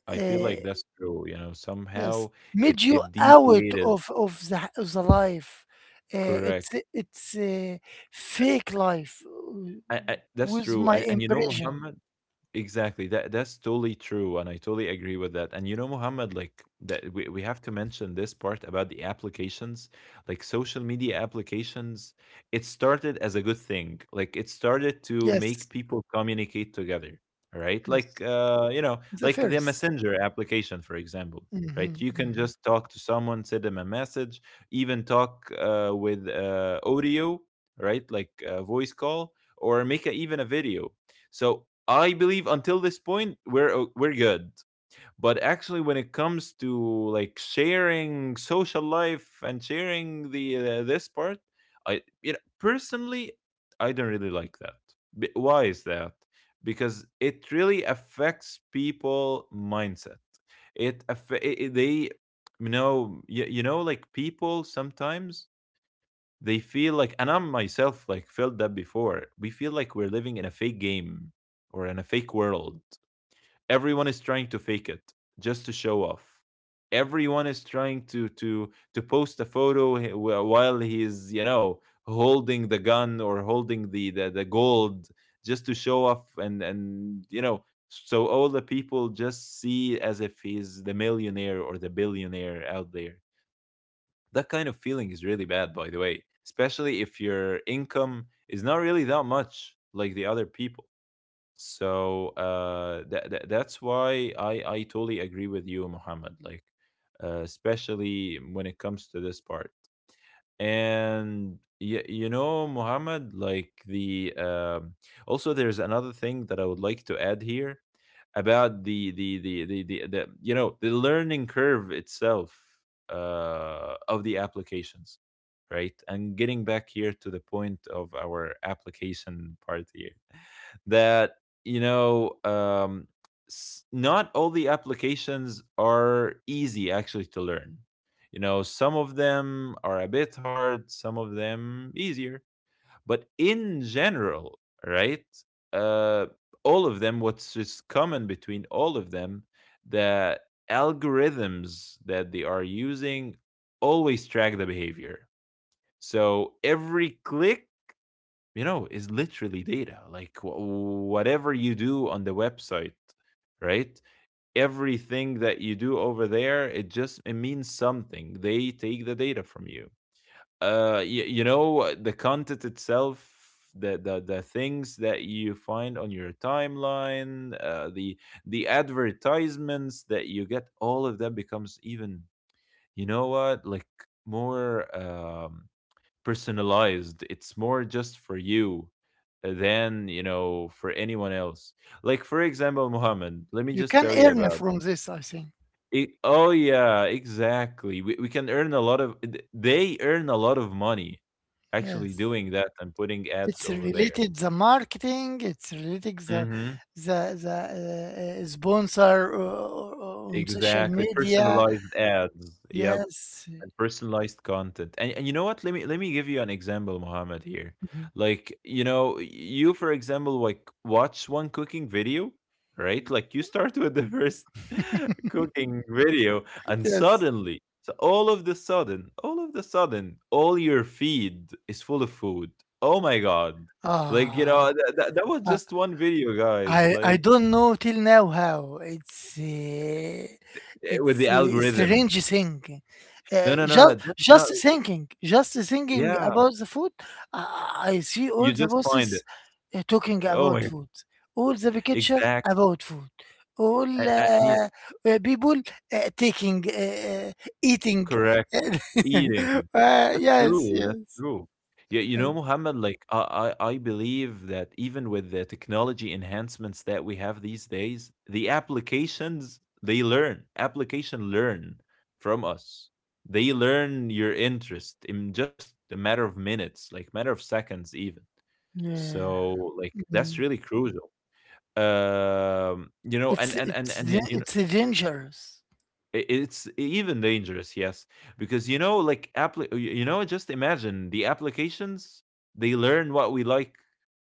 Speaker 2: I feel
Speaker 1: uh,
Speaker 2: like that's true. You know,
Speaker 1: yes,
Speaker 2: somehow it
Speaker 1: made you
Speaker 2: it
Speaker 1: out
Speaker 2: deviated.
Speaker 1: of the life. Uh, it's
Speaker 2: Correct.
Speaker 1: it's a fake life,
Speaker 2: That's
Speaker 1: with
Speaker 2: true.
Speaker 1: my
Speaker 2: And you know,
Speaker 1: impression.
Speaker 2: Muhammad, exactly. That's totally true, and I totally agree with that. And you know, Muhammad, like that we have to mention this part about the applications, like social media applications. It started as a good thing. Like it started to make
Speaker 1: Yes,
Speaker 2: people communicate together, right?
Speaker 1: yes,
Speaker 2: Like you know,
Speaker 1: the
Speaker 2: like the
Speaker 1: 1st.
Speaker 2: messenger application, for example.
Speaker 1: Mm-hmm,
Speaker 2: Right, you can
Speaker 1: mm-hmm.
Speaker 2: just talk to someone, send them a message, even talk with audio, right, like a voice call, or make a, even a video. So I believe until this point we're good. But actually, when it comes to like sharing social life and sharing the this part, I personally I don't really like that. Why is that? Because it really affects people mindset. It, aff- it- they you know, like people sometimes they feel like, and I'm myself like, felt that before. We feel like we're living in a fake game, or in a fake world. Everyone is trying to fake it just to show off. Everyone is trying to to post a photo while he's, you know, holding the gun or holding the the gold, just to show off. And you know, so all the people just see as if he's the millionaire or the billionaire out there. That kind of feeling is really bad, by the way, especially if your income is not really that much like the other people. So that that's why I totally agree with you, Muhammad. Like, especially when it comes to this part. And you know, Muhammad, like, the also there's another thing that I would like to add here about the the learning curve itself of the applications, right? And getting back here to the point of our application part here, that, you know, not all the applications are easy actually to learn. You know, some of them are a bit hard, some of them easier. But in general, right, uh, all of them, what's is common between all of them, the algorithms that they are using always track the behavior. So every click, you know, is literally data. Like whatever you do on the website, right? Everything that you do over there, it just it means something. They take the data from you. You know, the content itself. The things that you find on your timeline, the advertisements that you get, all of them becomes even, you know what, like more personalized. It's more just for you than, you know, for anyone else. Like, for example, Mohammed, let me
Speaker 1: You
Speaker 2: just
Speaker 1: can
Speaker 2: tell you
Speaker 1: earn
Speaker 2: about
Speaker 1: from this, I think.
Speaker 2: it. Oh, yeah, exactly. We can earn a lot of, they earn a lot of money actually
Speaker 1: Yes,
Speaker 2: doing that and putting ads
Speaker 1: it's
Speaker 2: over there.
Speaker 1: related the marketing. It's related
Speaker 2: Mm-hmm.
Speaker 1: the the sponsor, on social
Speaker 2: Exactly.
Speaker 1: media.
Speaker 2: Personalized ads. Yep.
Speaker 1: Yes,
Speaker 2: And personalized content. And you know what? Let me give you an example, Mohammed. Here,
Speaker 1: mhm.
Speaker 2: like you know, you for example, like watch one cooking video, right? Like you start with the first cooking video, and
Speaker 1: Yes.
Speaker 2: suddenly, so all of the sudden, all your feed is full of food. Oh my god! Like you
Speaker 1: Ah.
Speaker 2: know, that was
Speaker 1: Ah.
Speaker 2: just one video, guys.
Speaker 1: I
Speaker 2: Like
Speaker 1: don't know till now how it's,
Speaker 2: eh, with
Speaker 1: it's
Speaker 2: the
Speaker 1: a
Speaker 2: algorithm.
Speaker 1: strange thing.
Speaker 2: No, no, no, No.
Speaker 1: Just
Speaker 2: That's not.
Speaker 1: just thinking, just thinking
Speaker 2: Yeah,
Speaker 1: about the food, I see all
Speaker 2: you
Speaker 1: the
Speaker 2: just find it.
Speaker 1: bosses talking
Speaker 2: Oh my.
Speaker 1: about food, all the picture
Speaker 2: Exactly.
Speaker 1: about food, all
Speaker 2: And yeah,
Speaker 1: people taking, eating.
Speaker 2: correct, eating.
Speaker 1: Yes,
Speaker 2: That's
Speaker 1: yes.
Speaker 2: true. Yeah, you know, Muhammad, like I believe that even with the technology enhancements that we have these days, the applications they learn, application learn from us. They learn your interest in just a matter of minutes, like matter of seconds even.
Speaker 1: Yeah.
Speaker 2: So like that's
Speaker 1: Mm.
Speaker 2: really crucial. You know,
Speaker 1: It's it's
Speaker 2: and
Speaker 1: da-
Speaker 2: you,
Speaker 1: it's dangerous.
Speaker 2: it's even dangerous, yes. Because you know, like you know, just imagine the applications, they learn what we like,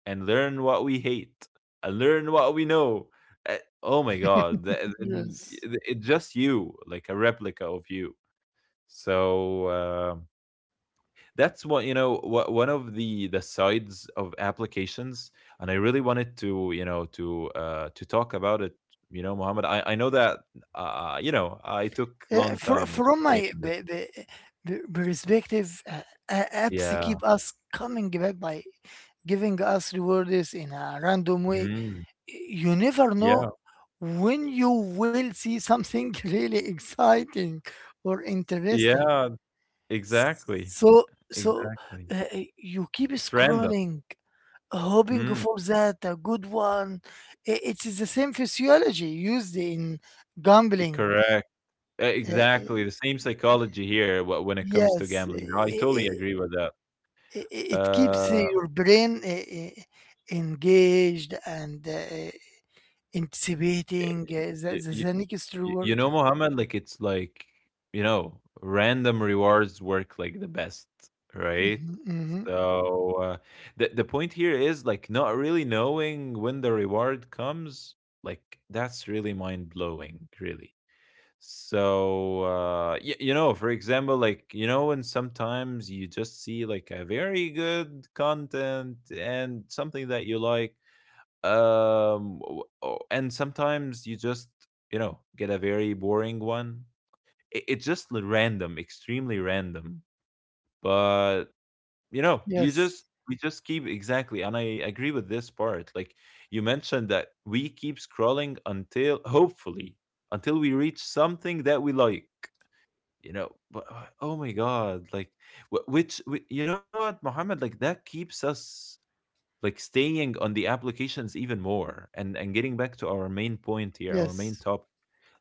Speaker 2: and learn what we hate, and learn what we know. Uh, oh my god,
Speaker 1: Yes.
Speaker 2: it's just you, like a replica of you. So that's, what you know, one of the sides of applications. And I really wanted to, you know, to talk about it, you know, Mohammed. I know that you know, I took
Speaker 1: Uh,
Speaker 2: long
Speaker 1: fro-
Speaker 2: time
Speaker 1: from my
Speaker 2: explaining this.
Speaker 1: perspective, apps keep
Speaker 2: Yeah.
Speaker 1: us coming back by giving us rewards in a random way.
Speaker 2: Mm.
Speaker 1: You never know
Speaker 2: Yeah.
Speaker 1: when you will see something really exciting or interesting.
Speaker 2: yeah exactly.
Speaker 1: So, so
Speaker 2: Exactly.
Speaker 1: uh, you keep
Speaker 2: It's random.
Speaker 1: scrolling, hoping
Speaker 2: Mm.
Speaker 1: for that a good one. It is the same physiology used in
Speaker 2: E,
Speaker 1: gambling.
Speaker 2: correct. Exactly
Speaker 1: eh,
Speaker 2: the same psychology here when it comes to
Speaker 1: Yes,
Speaker 2: gambling. I totally agree with that.
Speaker 1: it it keeps
Speaker 2: uh
Speaker 1: your brain engaged and anticipating. The,
Speaker 2: y-
Speaker 1: the,
Speaker 2: y-
Speaker 1: the next reward.
Speaker 2: You know, Mohammed, like it's like, you know, random rewards work like the best, right?
Speaker 1: Mhm, mhm.
Speaker 2: So the point here is like not really knowing when the reward comes. Like that's really mind blowing, really. So you know, for example, like you know, when sometimes you just see like a very good content and something that you like. And sometimes you just, you know, get a very boring one. It's just random, extremely random. But, you know, you just,
Speaker 1: Yes,
Speaker 2: we just keep, exactly, and I agree with this part, like, you mentioned that we keep scrolling until hopefully until we reach something that we like. You know, but oh my god, like, you know what, Mohammed, like that keeps us like staying on the applications even more. And getting back to our main point here, our main
Speaker 1: yes,
Speaker 2: top,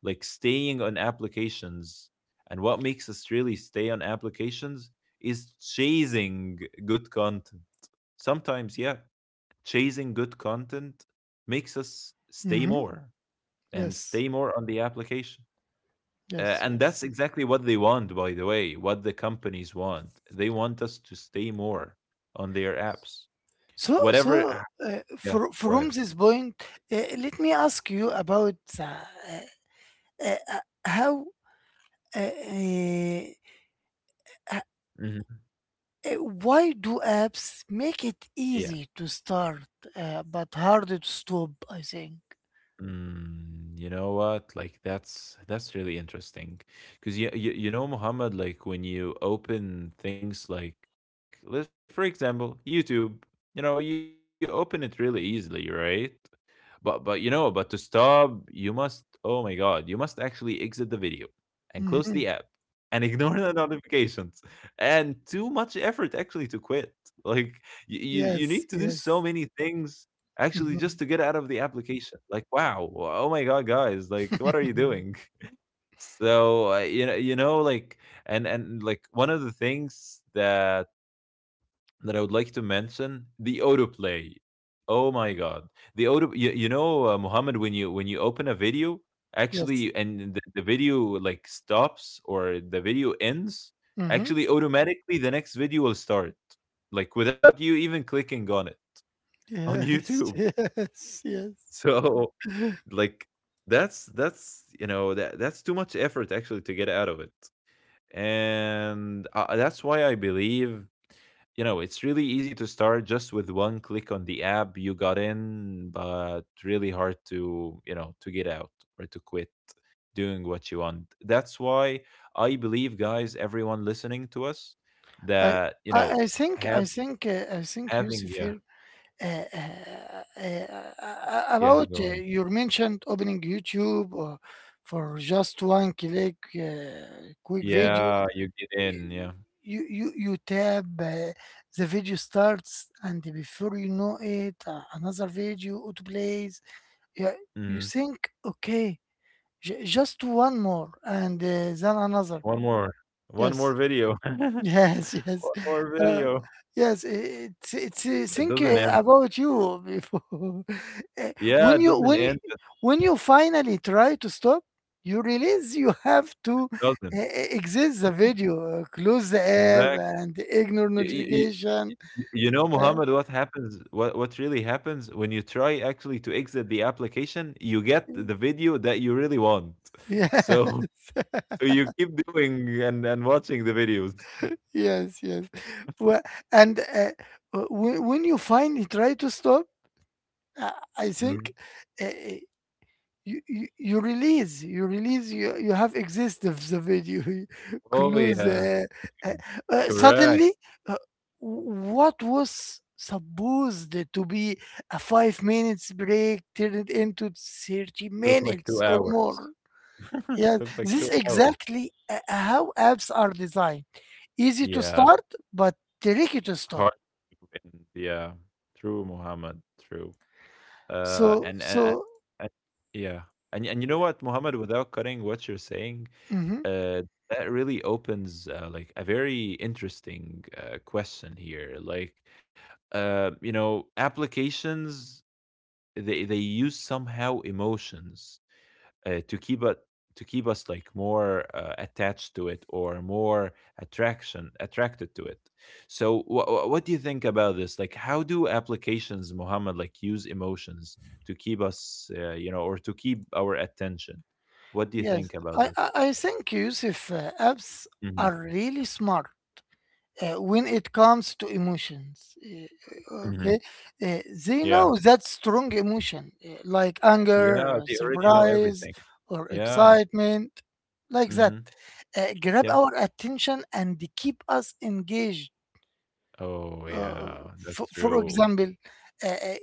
Speaker 2: like staying on applications, and what makes us really stay on applications is chasing good content. Sometimes, yeah, chasing good content makes us stay
Speaker 1: mhm,
Speaker 2: more and
Speaker 1: yes,
Speaker 2: stay more on the application.
Speaker 1: yes,
Speaker 2: And that's
Speaker 1: yes.
Speaker 2: exactly what they want, by the way, what the companies want. They want us to stay more on their apps,
Speaker 1: So,
Speaker 2: whatever.
Speaker 1: so
Speaker 2: Ah,
Speaker 1: uh,
Speaker 2: yeah,
Speaker 1: for,
Speaker 2: go
Speaker 1: from
Speaker 2: ahead.
Speaker 1: this point, let me ask you about, uh, uh, uh, how uh, uh, h-
Speaker 2: Mhm.
Speaker 1: why do apps make it
Speaker 2: Yeah.
Speaker 1: easy to start, but harder to stop, I think?
Speaker 2: Mm, you know what? Like that's really interesting. Cuz you you know, Muhammad, like, when you open things like, let's for example, YouTube, you know, you open it really easily, right? But you know, but to stop, you must, oh my god, you must actually exit the video and close the app
Speaker 1: Mhm.
Speaker 2: and ignore the notifications. And too much effort actually to quit. Like you need
Speaker 1: Yes,
Speaker 2: to do so
Speaker 1: yes.
Speaker 2: many things actually just
Speaker 1: Mhm.
Speaker 2: to get out of the application. Like wow, oh my god, guys, like what are you doing? So you know, like, and like, one of the things that I would like to mention, the autoplay. Oh my god, the auto. You know, Muhammad, when you, open a video,
Speaker 1: Yes.
Speaker 2: actually, and the video like stops or the video ends,
Speaker 1: Hmm.
Speaker 2: actually, automatically the next video will start, like without you even clicking on it on YouTube.
Speaker 1: Yes, yes, yes.
Speaker 2: So like that's that's too much effort actually to get out of it and that's why I believe, it's really easy to start just with one click on the app you got in, but really hard to, to get out or to quit doing what you want. That's why I believe, guys, everyone listening to us,
Speaker 1: I,
Speaker 2: that
Speaker 1: I think, I
Speaker 2: have
Speaker 1: think, I think,
Speaker 2: having
Speaker 1: Yusuf
Speaker 2: yeah.
Speaker 1: here,
Speaker 2: Yeah,
Speaker 1: about
Speaker 2: go ahead.
Speaker 1: you mentioned opening YouTube or, for just one click, quick video.
Speaker 2: Yeah, you get in, yeah.
Speaker 1: You tab, the video starts and before you know it, another video auto plays. Yeah, you
Speaker 2: Hmm.
Speaker 1: think okay, just one more and then another.
Speaker 2: One more, one more
Speaker 1: Yes.
Speaker 2: video. One
Speaker 1: Yes, yes.
Speaker 2: more
Speaker 1: Uh,
Speaker 2: video.
Speaker 1: yes, it's
Speaker 2: It
Speaker 1: think
Speaker 2: doesn't end.
Speaker 1: about you before. Eh,
Speaker 2: Yeah,
Speaker 1: When
Speaker 2: it
Speaker 1: you
Speaker 2: doesn't
Speaker 1: when you,
Speaker 2: end, it
Speaker 1: when you finally try to stop, you realize you have to, uh,
Speaker 2: doesn't.
Speaker 1: uh, exit the video, close the app,
Speaker 2: Exactly.
Speaker 1: and ignore
Speaker 2: You y
Speaker 1: notification.
Speaker 2: you know,
Speaker 1: Uh,
Speaker 2: Muhammad, what really happens when you try actually to exit the application, you get the video that you really want.
Speaker 1: yeah,
Speaker 2: So so you keep doing and watching the videos.
Speaker 1: yes, yes. Well, and when you finally try to stop, uh, I
Speaker 2: Mhm.
Speaker 1: think. Uh, you have exist of the video
Speaker 2: Oh,
Speaker 1: clues,
Speaker 2: yeah.
Speaker 1: uh,
Speaker 2: Correct.
Speaker 1: suddenly, uh, what was supposed to be a 5 minutes break turned into 30
Speaker 2: Took like
Speaker 1: minutes
Speaker 2: 2
Speaker 1: or
Speaker 2: hours.
Speaker 1: more. Yeah,
Speaker 2: Took like
Speaker 1: this
Speaker 2: 2
Speaker 1: is
Speaker 2: hours.
Speaker 1: exactly, how apps are designed: easy to
Speaker 2: Yeah.
Speaker 1: start, but tricky to
Speaker 2: Hard
Speaker 1: stop.
Speaker 2: to end. Yeah. True, Muhammad, true. Uh,
Speaker 1: so
Speaker 2: and, and and
Speaker 1: so
Speaker 2: and yeah, and you know what, Mohammed, without cutting what you're saying,
Speaker 1: mhm,
Speaker 2: uh, that really opens like a very interesting question here. Like, you know, applications, they use somehow emotions to keep it, to keep us like more attached to it or more attraction attracted to it. So what do you think about this? Like, how do applications, Muhammad, like use emotions to keep us, you know, or to keep our attention? What do you
Speaker 1: yes.
Speaker 2: think about
Speaker 1: I,
Speaker 2: this?
Speaker 1: I i think Yusuf, apps
Speaker 2: Hmm.
Speaker 1: are really smart when it comes to emotions.
Speaker 2: Hmm.
Speaker 1: Okay. Uh, they
Speaker 2: Yeah.
Speaker 1: know that strong emotion, like anger,
Speaker 2: Yeah,
Speaker 1: or
Speaker 2: they already know
Speaker 1: surprise,
Speaker 2: everything.
Speaker 1: or
Speaker 2: Yeah.
Speaker 1: excitement, like that,
Speaker 2: Hmm.
Speaker 1: grab
Speaker 2: Yeah,
Speaker 1: our attention and keep us engaged.
Speaker 2: oh
Speaker 1: Uh,
Speaker 2: yeah, that's
Speaker 1: for, for
Speaker 2: true.
Speaker 1: example, uh, uh,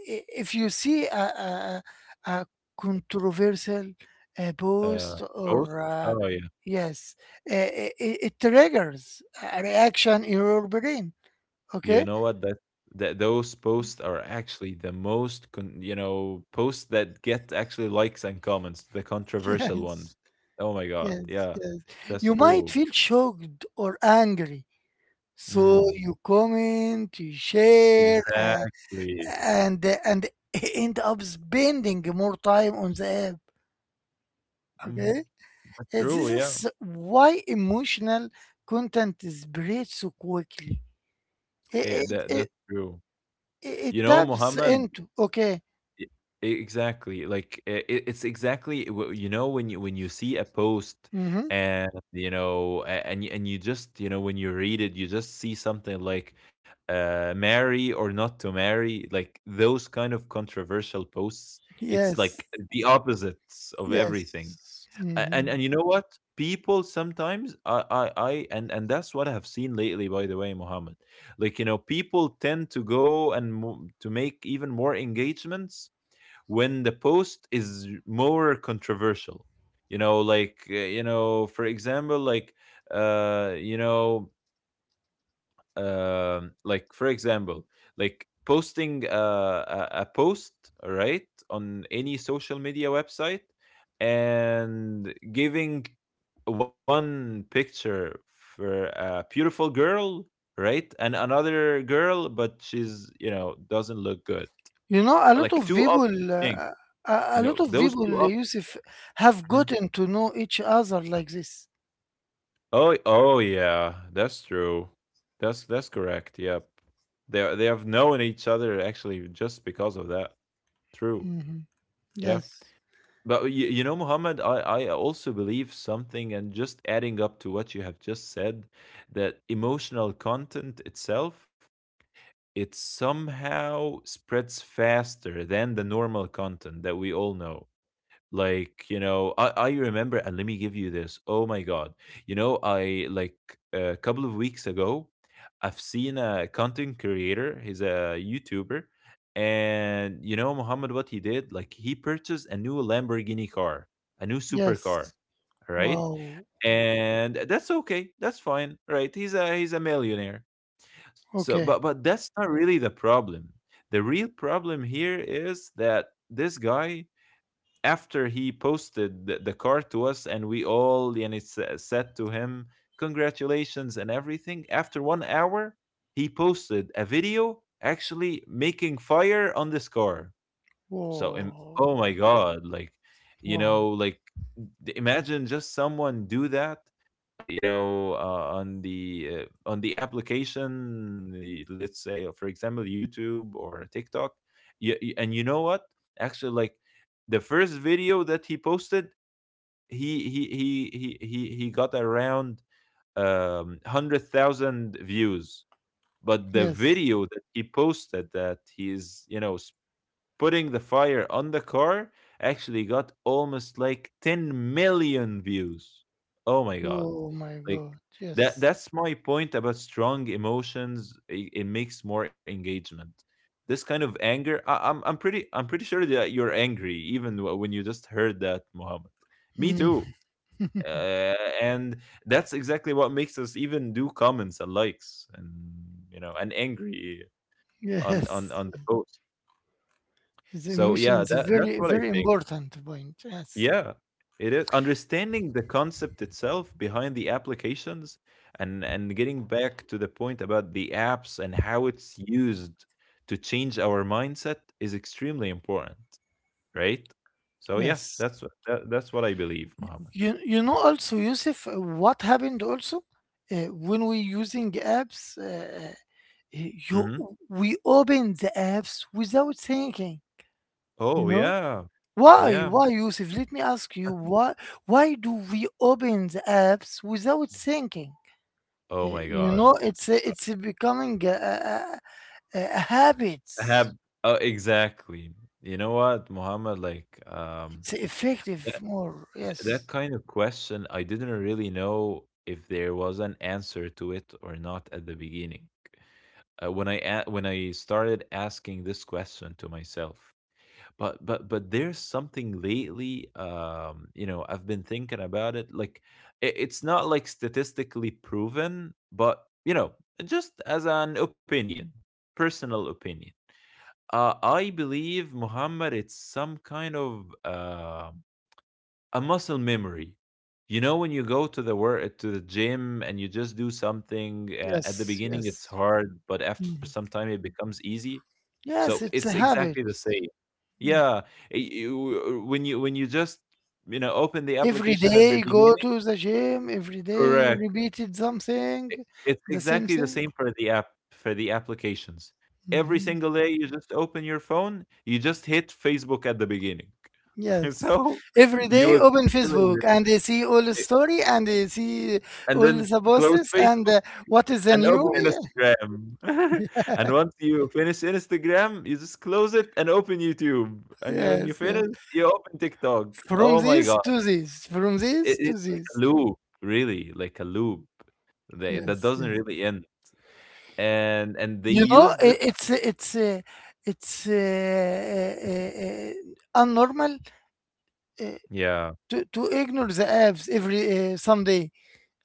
Speaker 1: if you see a controversial,
Speaker 2: uh
Speaker 1: post
Speaker 2: Ghost.
Speaker 1: or,
Speaker 2: Oh yeah.
Speaker 1: yes, it triggers a reaction in your brain.
Speaker 2: You
Speaker 1: Okay?
Speaker 2: know what? That Those posts are actually the most you know, posts that get actually likes and comments, the controversial ones.
Speaker 1: Yes,
Speaker 2: Oh my god,
Speaker 1: yes,
Speaker 2: yeah,
Speaker 1: yes.
Speaker 2: that's
Speaker 1: You might
Speaker 2: true.
Speaker 1: feel shocked or angry. So
Speaker 2: Mm,
Speaker 1: you comment, you share,
Speaker 2: exactly.
Speaker 1: and end up spending more time on the app.
Speaker 2: Hmm.
Speaker 1: Okay?
Speaker 2: That's
Speaker 1: This
Speaker 2: true. Yeah.
Speaker 1: is why emotional content spreads so quickly. It
Speaker 2: Eh,
Speaker 1: it,
Speaker 2: that
Speaker 1: it,
Speaker 2: that's true.
Speaker 1: it
Speaker 2: You know,
Speaker 1: taps
Speaker 2: Muhammad,
Speaker 1: into okay.
Speaker 2: E exactly, like, it's exactly w you know, when you see a post
Speaker 1: Mm-hmm.
Speaker 2: and, you know, a and you just, you know, when you read it, you just see something like, marry or not to marry, like, those kind of controversial posts. It's
Speaker 1: Yes.
Speaker 2: like the opposites of everything.
Speaker 1: Yes.
Speaker 2: A And
Speaker 1: Mm-hmm.
Speaker 2: you know what? People sometimes I and that's what I have seen lately, by the way, Mohammed. Like, you know, people tend to go and mo to make even more engagements when the post is more controversial. Like, for example, like, uh you know like, for example, like posting a post, right, on any social media website and giving one picture for a beautiful girl, right, and another girl, but she's, you know, doesn't look good.
Speaker 1: You know, a lot
Speaker 2: Like
Speaker 1: of
Speaker 2: two
Speaker 1: people,
Speaker 2: opposite things. You know, those two.
Speaker 1: Yusuf, have gotten
Speaker 2: Mhm.
Speaker 1: to know each other like this.
Speaker 2: Oh, oh yeah, that's true. That's correct. Yep. They have known each other actually just because of that. True.
Speaker 1: Hmm.
Speaker 2: Yeah.
Speaker 1: Yes,
Speaker 2: But you know, Muhammad, I also believe something, and just adding up to what you have just said, that emotional content itself, it somehow spreads faster than the normal content that we all know. Like, you know, I remember, and let me give you this. Oh my god. You know, I like, a couple of weeks ago I've seen a content creator, he's a youtuber. And you know, Muhammad, what he did? Like, he purchased a new Lamborghini car, a new supercar,
Speaker 1: yes.
Speaker 2: right?
Speaker 1: Wow.
Speaker 2: And that's okay, that's fine, right? He's a millionaire. So,
Speaker 1: Okay.
Speaker 2: but that's not really the problem. The real problem here is that this guy, after he posted the car to us and we all, and it's said to him congratulations and everything, after 1 hour he posted a video actually making fire on this car. So, and
Speaker 1: Wow.
Speaker 2: oh my god, like, you know,
Speaker 1: Wow.
Speaker 2: like, imagine just someone do that, on the application. Let's say, for example, YouTube or TikTok. Yeah, and you know what? Actually, like, the first video that he posted, he got around 100,000 views. But the
Speaker 1: Yes.
Speaker 2: video that he posted that he is, you know, putting the fire on the car, actually got almost like 10 million views. Oh my god.
Speaker 1: Oh my
Speaker 2: Like,
Speaker 1: God. Yes.
Speaker 2: that's my point about strong emotions. It makes more engagement. This kind of anger, I'm pretty, I'm pretty sure that you're angry even when you just heard that, Muhammad. Me
Speaker 1: Mm.
Speaker 2: too. Uh, and that's exactly what makes us even do comments and likes and, you know, and angry on
Speaker 1: Yes.
Speaker 2: the post.
Speaker 1: The
Speaker 2: So
Speaker 1: emotion
Speaker 2: yeah,
Speaker 1: is a
Speaker 2: that that's
Speaker 1: very,
Speaker 2: what I
Speaker 1: very
Speaker 2: think.
Speaker 1: important point. Yes.
Speaker 2: Yeah, it is. Understanding the concept itself behind the applications and getting back to the point about the apps and how it's used to change our mindset is extremely important, right? So yeah,
Speaker 1: Yes.
Speaker 2: that's what that's what I believe, Mohammed.
Speaker 1: You know also, Yusuf, what happened also, when we using apps? You
Speaker 2: Hmm.
Speaker 1: We open the apps without thinking, you
Speaker 2: Oh
Speaker 1: know.
Speaker 2: yeah,
Speaker 1: why
Speaker 2: yeah.
Speaker 1: why yusuf let me ask you, why do we open the apps without thinking?
Speaker 2: Oh my
Speaker 1: You
Speaker 2: God,
Speaker 1: know, it's a becoming a habit.
Speaker 2: I have. Oh, exactly. You know what, Muhammad? Like,
Speaker 1: It's effective more.
Speaker 2: That
Speaker 1: Yes,
Speaker 2: kind of question, I didn't really know if there was an answer to it or not at the beginning. When when I started asking this question to myself, but there's something lately. You know, I've been thinking about it. Like, it, it's not like statistically proven, but you know, just as an opinion, personal opinion. I believe, Muhammad, it's some kind of a muscle memory. You know, when you go to the work, to the gym, and you just do something, at the
Speaker 1: yes,
Speaker 2: beginning it's
Speaker 1: yes.
Speaker 2: hard, but after
Speaker 1: Mm.
Speaker 2: some time it becomes easy. So
Speaker 1: Yes,
Speaker 2: it's
Speaker 1: it's a
Speaker 2: exactly
Speaker 1: habit.
Speaker 2: the same.
Speaker 1: Mm.
Speaker 2: Yeah, when you just, you know, open the
Speaker 1: Every
Speaker 2: application at the
Speaker 1: day go
Speaker 2: beginning,
Speaker 1: to the gym, every day
Speaker 2: correct.
Speaker 1: repeated something,
Speaker 2: I- It's
Speaker 1: the same
Speaker 2: exactly the
Speaker 1: thing.
Speaker 2: same for the app, for the applications. Every
Speaker 1: Mm-hmm.
Speaker 2: single day you just open your phone, you just hit Facebook at the beginning.
Speaker 1: Yes.
Speaker 2: So
Speaker 1: Every
Speaker 2: you
Speaker 1: day
Speaker 2: will
Speaker 1: open
Speaker 2: keep doing
Speaker 1: Facebook
Speaker 2: this.
Speaker 1: and they see all the story and they see
Speaker 2: And
Speaker 1: all
Speaker 2: then
Speaker 1: the
Speaker 2: close
Speaker 1: posts and,
Speaker 2: Facebook
Speaker 1: what is the
Speaker 2: and open
Speaker 1: new. Yeah.
Speaker 2: Instagram. And once you finish Instagram, you just close it and open YouTube. And you, when you
Speaker 1: Yes, yeah.
Speaker 2: finish, you open TikTok.
Speaker 1: From
Speaker 2: Oh my
Speaker 1: this
Speaker 2: God.
Speaker 1: to this, from this to
Speaker 2: It's like a
Speaker 1: this.
Speaker 2: loop, really, like a loop, that
Speaker 1: Yes,
Speaker 2: doesn't
Speaker 1: yes.
Speaker 2: really end. And they
Speaker 1: You know,
Speaker 2: use this.
Speaker 1: it's unnormal, uh,
Speaker 2: Yeah,
Speaker 1: to ignore the apps every, someday.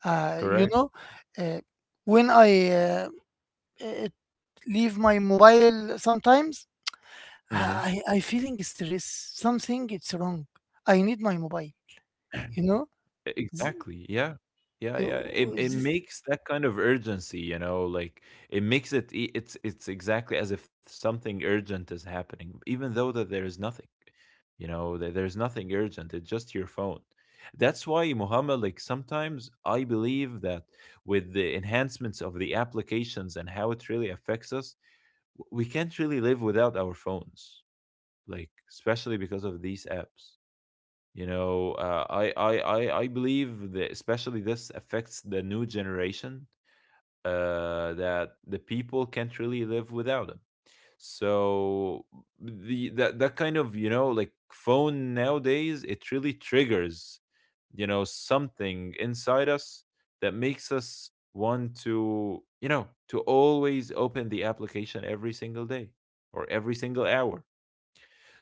Speaker 1: You
Speaker 2: correct.
Speaker 1: know, uh, when I, uh, leave my mobile sometimes,
Speaker 2: Hmm.
Speaker 1: I feeling stress. Something it's wrong. I need my mobile. You know.
Speaker 2: E
Speaker 1: Th-
Speaker 2: exactly, yeah. Yeah,
Speaker 1: uh,
Speaker 2: yeah, it
Speaker 1: this,
Speaker 2: makes that kind of urgency, you know, like, it makes it e it's exactly as if something urgent is happening, even though that there is nothing, you know, there's nothing urgent, it's just your phone. That's why, Muhammad, like, sometimes I believe that with the enhancements of the applications and how it really affects us, w we can't really live without our phones, like, especially because of these apps. You know, I believe that especially this affects the new generation, that the people can't really live without them. So the that that kind of, you know, like, phone nowadays, it really triggers, you know, something inside us that makes us want to, you know, to always open the application every single day or every single hour.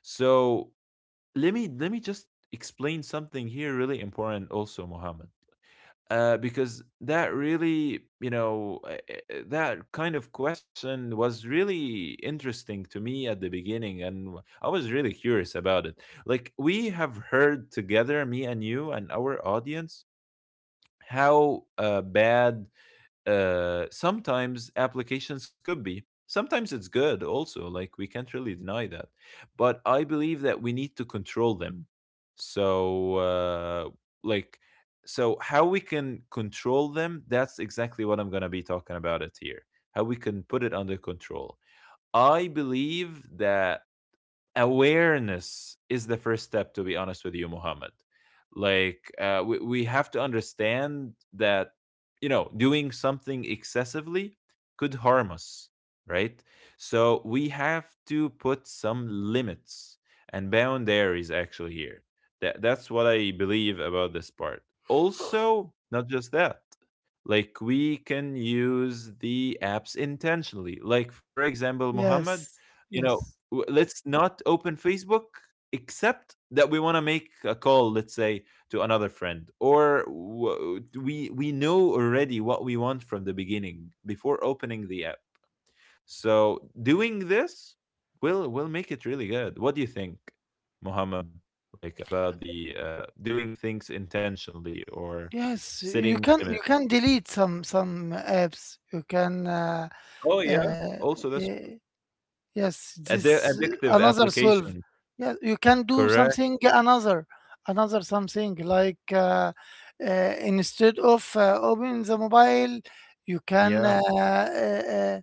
Speaker 2: So let me just explain something here really important also, Mohammed, because that really, you know, that kind of question was really interesting to me at the beginning, and I was really curious about it. Like, we have heard together, me and you and our audience, how bad sometimes applications could be. Sometimes it's good also, like we can't really deny that. But I believe that we need to control them. So, like, so how we can control them, that's exactly what I'm going to be talking about it here. How we can put it under control. I believe that awareness is the first step, to be honest with you, Muhammad. Like, we have to understand that, you know, doing something excessively could harm us, right? So we have to put some limits and boundaries actually here. That's what I believe about this part. Also not just that, like, we can use the apps intentionally. Like, for example, Muhammad,
Speaker 1: yes.
Speaker 2: you know,
Speaker 1: Yes.
Speaker 2: let's not open Facebook except that we want to make a call, let's say, to another friend. Or we know already what we want from the beginning before opening the app. So doing this will make it really good. What do you think, Mohammed? Like, about the doing things intentionally or
Speaker 1: Yes.
Speaker 2: setting
Speaker 1: You can
Speaker 2: limits?
Speaker 1: you can delete some apps. You can.
Speaker 2: Oh yeah,
Speaker 1: Uh,
Speaker 2: also that's true.
Speaker 1: eh, yes. This,
Speaker 2: Addictive
Speaker 1: another solve.
Speaker 2: application.
Speaker 1: Yeah. You can do
Speaker 2: Correct.
Speaker 1: something another, another something like, uh, instead of, opening the mobile, you can.
Speaker 2: Yeah.
Speaker 1: Uh,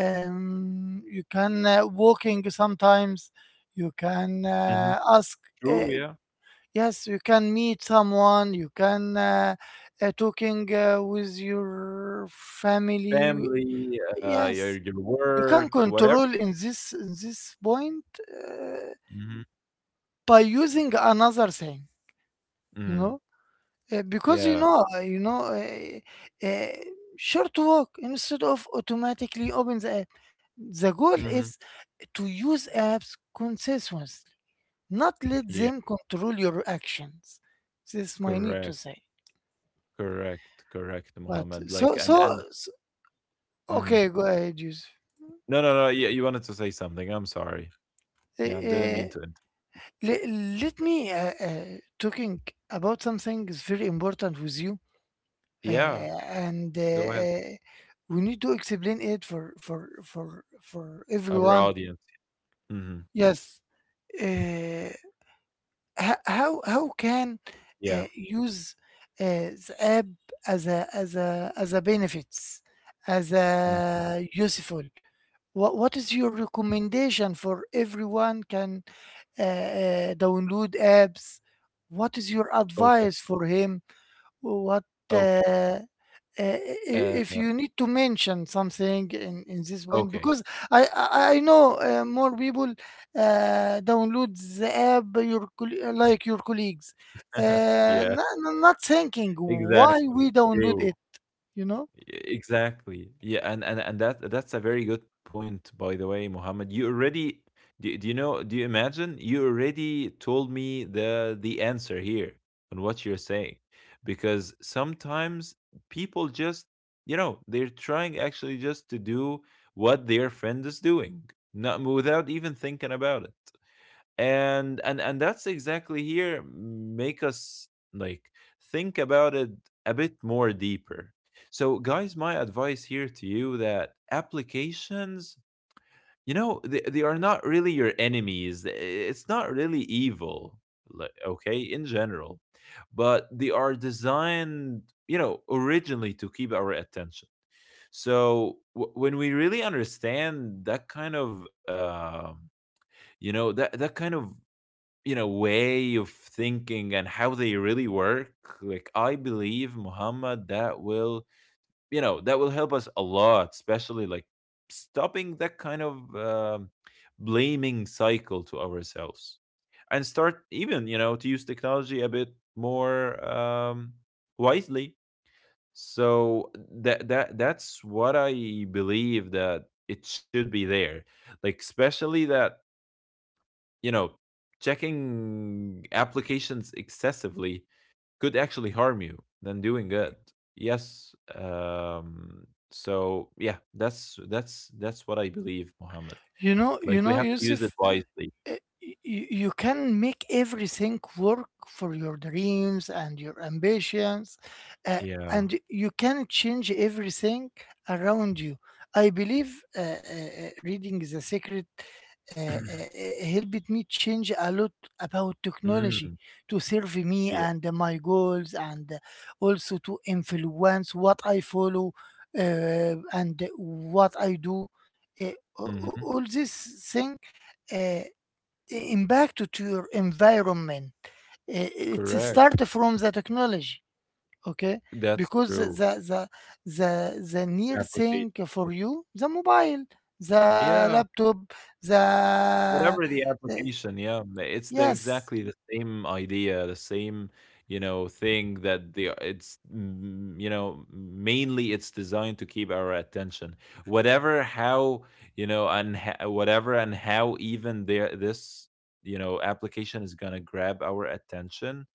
Speaker 1: you can, walking sometimes. You can,
Speaker 2: Hmm.
Speaker 1: ask.
Speaker 2: True,
Speaker 1: Uh,
Speaker 2: yeah.
Speaker 1: yes, you can meet someone. You can, talking, with your family.
Speaker 2: Family,
Speaker 1: Yes,
Speaker 2: your
Speaker 1: you can
Speaker 2: work, whatever.
Speaker 1: control in this, point, uh,
Speaker 2: Mhm.
Speaker 1: by using another thing. You
Speaker 2: Mm.
Speaker 1: know, because you
Speaker 2: Yeah.
Speaker 1: know, you know. Short walk instead of automatically open the app. The goal
Speaker 2: Mhm.
Speaker 1: is to use apps consistently, not let
Speaker 2: Yeah,
Speaker 1: them control your actions. This is my need to
Speaker 2: correct,
Speaker 1: say.
Speaker 2: correct, correct,
Speaker 1: But,
Speaker 2: Mohammed. Like,
Speaker 1: so so,
Speaker 2: and
Speaker 1: so
Speaker 2: mhm.
Speaker 1: okay, go ahead, Yusuf.
Speaker 2: No, no, no. Yeah, you wanted to say something. I'm sorry.
Speaker 1: Uh,
Speaker 2: Yeah, didn't
Speaker 1: uh,
Speaker 2: mean to.
Speaker 1: le- let me, talking about something is very important with you,
Speaker 2: Yeah,
Speaker 1: and,
Speaker 2: go ahead.
Speaker 1: we need to explain it for
Speaker 2: Our
Speaker 1: everyone.
Speaker 2: audience. Hmm.
Speaker 1: Yes, uh, how can,
Speaker 2: Yeah.
Speaker 1: use, the app as a benefits, as
Speaker 2: Mhm.
Speaker 1: a useful. What is your recommendation for everyone can, download apps? What is your
Speaker 2: Okay.
Speaker 1: advice for him? what uh,
Speaker 2: Okay.
Speaker 1: uh, i-
Speaker 2: Uh,
Speaker 1: if you need to mention something in this point?
Speaker 2: okay.
Speaker 1: Because I know, more people download the app, like your colleagues, uh,
Speaker 2: Yeah.
Speaker 1: not, not thinking why
Speaker 2: Exactly.
Speaker 1: we download
Speaker 2: True.
Speaker 1: it. You know,
Speaker 2: E-, Exactly. Yeah, and that that's a very good point, by the way, Mohammed. You already do you know? Do you imagine? You already told me the answer here on what you're saying, because sometimes people just, they're trying actually just to do what their friend is doing, not without even thinking about it, and that's exactly here make us like think about it a bit more deeper. So, guys, my advice here to you that applications, they are not really your enemies. It's not really evil, like, okay, in general, but they are designed, originally, to keep our attention. So when we really understand that kind of, that kind of, way of thinking and how they really work, like I believe, Muhammad, that will help us a lot, especially like stopping that kind of blaming cycle to ourselves, and start even, to use technology a bit more wisely. So that's what I believe that it should be there, like, especially that, you know, checking applications excessively could actually harm you than doing good. Yes. So, yeah, that's what I believe, Mohammed.
Speaker 1: you know,
Speaker 2: Like
Speaker 1: you
Speaker 2: we
Speaker 1: know,
Speaker 2: have to use it
Speaker 1: Yusuf.
Speaker 2: wisely.
Speaker 1: uh, you can make everything work for your dreams and your ambitions, uh,
Speaker 2: Yeah.
Speaker 1: and you can change everything around you. I believe, reading The Secret helped me change a lot about technology,
Speaker 2: Mm,
Speaker 1: to serve me
Speaker 2: yeah.
Speaker 1: and my goals, and also to influence what I follow, uh, and what I do, uh, a-
Speaker 2: Hmm.
Speaker 1: all this thing, uh, impact to your environment. It start
Speaker 2: Correct.
Speaker 1: from the technology, okay?
Speaker 2: That's
Speaker 1: Because
Speaker 2: true.
Speaker 1: the the near thing
Speaker 2: Application.
Speaker 1: for you, the mobile, the
Speaker 2: Yeah.
Speaker 1: laptop, the,
Speaker 2: Whatever the
Speaker 1: uh,
Speaker 2: application, yeah, it's the
Speaker 1: yes,
Speaker 2: exactly the same idea, the same, thing that the it's mm, you know, mainly it's designed to keep our attention. Whatever how, and whatever and how even there this, application is going to grab our attention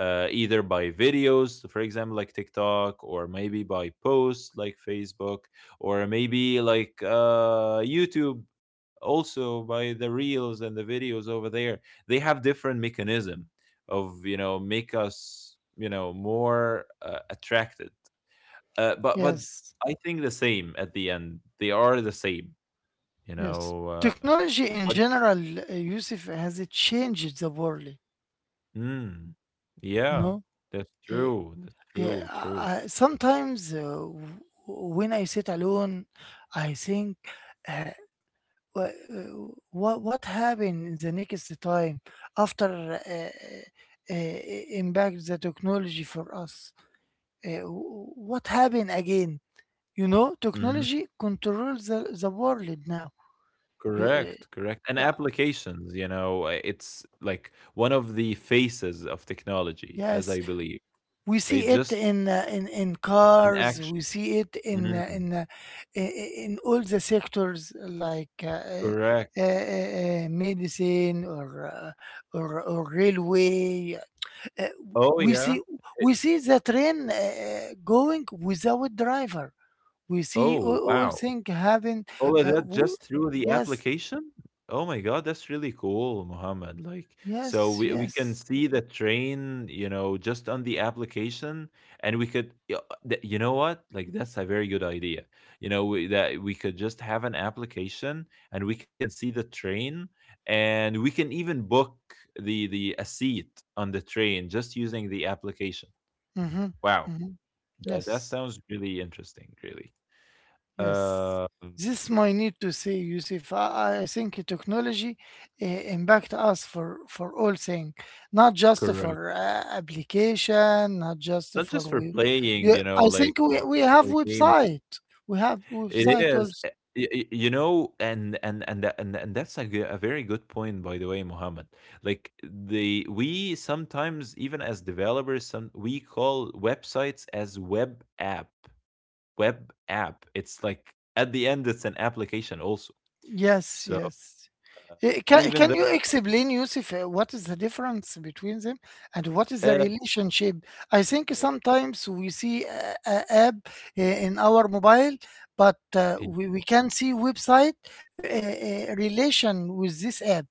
Speaker 2: either by videos, for example, like TikTok, or maybe by posts like Facebook, or maybe like YouTube, also by the reels and the videos over there. They have different mechanism of, make us, more attracted, but
Speaker 1: yes,
Speaker 2: I think the same, at the end they are the same, you
Speaker 1: yes.
Speaker 2: know uh,
Speaker 1: Technology
Speaker 2: but
Speaker 1: in general, Yusuf, has it changed the world?
Speaker 2: mm, yeah,
Speaker 1: No.
Speaker 2: that's
Speaker 1: Eh,
Speaker 2: true, that's
Speaker 1: eh,
Speaker 2: true,
Speaker 1: I,
Speaker 2: true.
Speaker 1: I- sometimes w- when I sit alone, I think. eh, wha- what happened in the next time after, impact the technology for us? What happened again? You know,
Speaker 2: Mhm.
Speaker 1: technology controls the world now. you, uh,
Speaker 2: Correct, and
Speaker 1: yeah,
Speaker 2: applications, it's like one of the faces of technology, as
Speaker 1: yes.
Speaker 2: I believe.
Speaker 1: We
Speaker 2: They
Speaker 1: see it
Speaker 2: just
Speaker 1: in, in
Speaker 2: in
Speaker 1: cars, we
Speaker 2: action.
Speaker 1: see it in,
Speaker 2: Mm.
Speaker 1: all the sectors, like,
Speaker 2: Correct.
Speaker 1: medicine, or, uh, or railway. Uh,
Speaker 2: Oh,
Speaker 1: we
Speaker 2: yeah.
Speaker 1: see
Speaker 2: It
Speaker 1: we see the train, going without driver. We see
Speaker 2: Oh,
Speaker 1: all
Speaker 2: wow.
Speaker 1: thing happen.
Speaker 2: All of
Speaker 1: Uh,
Speaker 2: that
Speaker 1: w-
Speaker 2: just through the
Speaker 1: yes,
Speaker 2: application? Oh my god, that's really cool, Muhammad. Like, so
Speaker 1: yes,
Speaker 2: we can
Speaker 1: yes.
Speaker 2: see the train, just on the application, and we could, y- th- you know what? Like, that's a very good idea. You know, that we could just have an application, and we can see the train, and we can even book the a seat on the train just using the application.
Speaker 1: Mm-hmm,
Speaker 2: Wow.
Speaker 1: mm-hmm.
Speaker 2: That
Speaker 1: Yes,
Speaker 2: sounds really interesting, really.
Speaker 1: yes.
Speaker 2: Um,
Speaker 1: This might need to say, Yusuf. I think technology, impact us for, all things, not just
Speaker 2: Correct.
Speaker 1: for, application, not just
Speaker 2: Not
Speaker 1: for
Speaker 2: just for
Speaker 1: we.
Speaker 2: playing,
Speaker 1: Yeah, I
Speaker 2: like,
Speaker 1: think we,
Speaker 2: or,
Speaker 1: we have
Speaker 2: or gaming.
Speaker 1: website. We have
Speaker 2: It
Speaker 1: website
Speaker 2: is,
Speaker 1: also.
Speaker 2: and that's a very good point, by the way, Mohammed. Like the we sometimes, even as developers, some we call websites as web app. Web app. It's like at the end, it's an application also.
Speaker 1: Yes,
Speaker 2: So
Speaker 1: yes. Can,
Speaker 2: even
Speaker 1: can
Speaker 2: though,
Speaker 1: you explain, Yusuf, what is the difference between them and what is the
Speaker 2: uh,
Speaker 1: relationship? I think
Speaker 2: right.
Speaker 1: sometimes we see, a app, in our mobile, but, we can see website, relation with this app.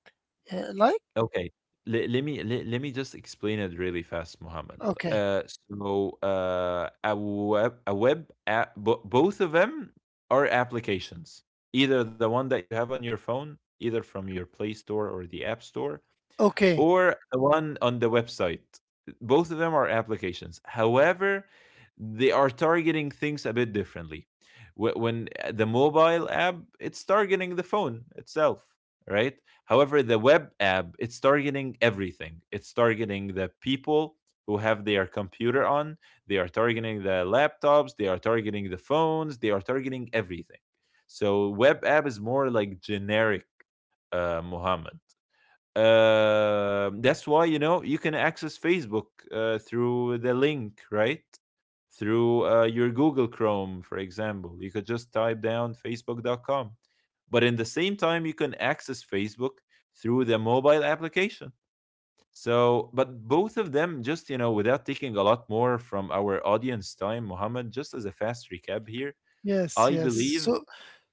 Speaker 1: Like?
Speaker 2: Okay. Le let me just explain it really fast, Mohammed.
Speaker 1: Okay.
Speaker 2: So, a web app, bo both of them are applications. Either the one that you have on your phone, either from your Play Store or the App Store,
Speaker 1: Okay.
Speaker 2: or the one on the website. Both of them are applications. However, they are targeting things a bit differently. When the mobile app, it's targeting the phone itself, right? However, the web app, it's targeting everything. It's targeting the people who have their computer on, they are targeting the laptops, they are targeting the phones, they are targeting everything. So, web app is more like generic, Muhammad. That's why, you can access Facebook through the link, right? Through your Google Chrome, for example, you could just type down Facebook.com. But in the same time, you can access Facebook through the mobile application. So, but both of them, just, without taking a lot more from our audience time, Mohammed, just as a fast recap here,
Speaker 1: Yes,
Speaker 2: I
Speaker 1: yes.
Speaker 2: believe.
Speaker 1: So,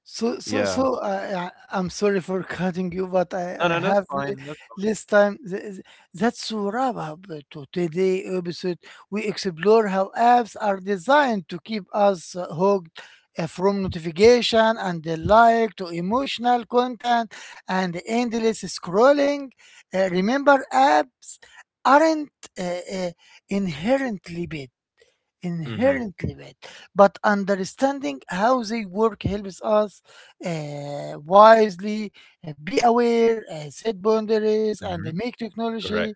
Speaker 1: so, so,
Speaker 2: Yeah.
Speaker 1: so. I'm sorry for cutting you, but
Speaker 2: No, no,
Speaker 1: I
Speaker 2: that's
Speaker 1: have
Speaker 2: fine. That's,
Speaker 1: less time. That's a wrap up to today episode. We explore how apps are designed to keep us, hooked, from notification and the like to emotional content and endless scrolling. Remember, apps aren't, uh, uh, inherently bad
Speaker 2: mm-hmm,
Speaker 1: inherently bad, but understanding how they work helps us, wisely, be aware, set boundaries, and
Speaker 2: mm-hmm,
Speaker 1: make
Speaker 2: correct.
Speaker 1: technology.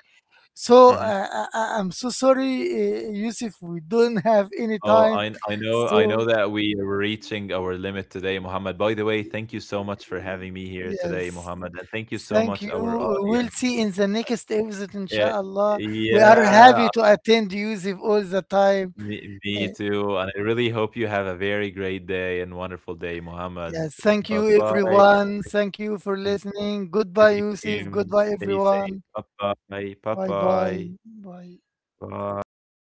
Speaker 1: So
Speaker 2: Mm-hmm.
Speaker 1: uh, I'm so sorry, Yusuf, we don't have any
Speaker 2: Oh,
Speaker 1: time.
Speaker 2: I I know I
Speaker 1: So,
Speaker 2: know that we are reaching our limit today, Mohammed. By the way, thank you so much for having me here today,
Speaker 1: yes.
Speaker 2: Mohammed, and thank you so
Speaker 1: Thank
Speaker 2: much
Speaker 1: you.
Speaker 2: our
Speaker 1: We will
Speaker 2: audience.
Speaker 1: see in the next episode,
Speaker 2: Eh,
Speaker 1: inshallah. We are
Speaker 2: yeah,
Speaker 1: happy to attend Yusuf all the time.
Speaker 2: me
Speaker 1: Uh,
Speaker 2: too. And I really hope you have a very great day and wonderful day, Mohammed.
Speaker 1: Yes, thank
Speaker 2: Bye
Speaker 1: you
Speaker 2: bye.
Speaker 1: everyone. Thank you for listening. Goodbye,
Speaker 2: Take
Speaker 1: Yusuf.
Speaker 2: care.
Speaker 1: Goodbye,
Speaker 2: Stay safe.
Speaker 1: everyone.
Speaker 2: Bye bye. Bye
Speaker 1: Bye bye.
Speaker 2: bye.
Speaker 1: Bye.
Speaker 2: Bye.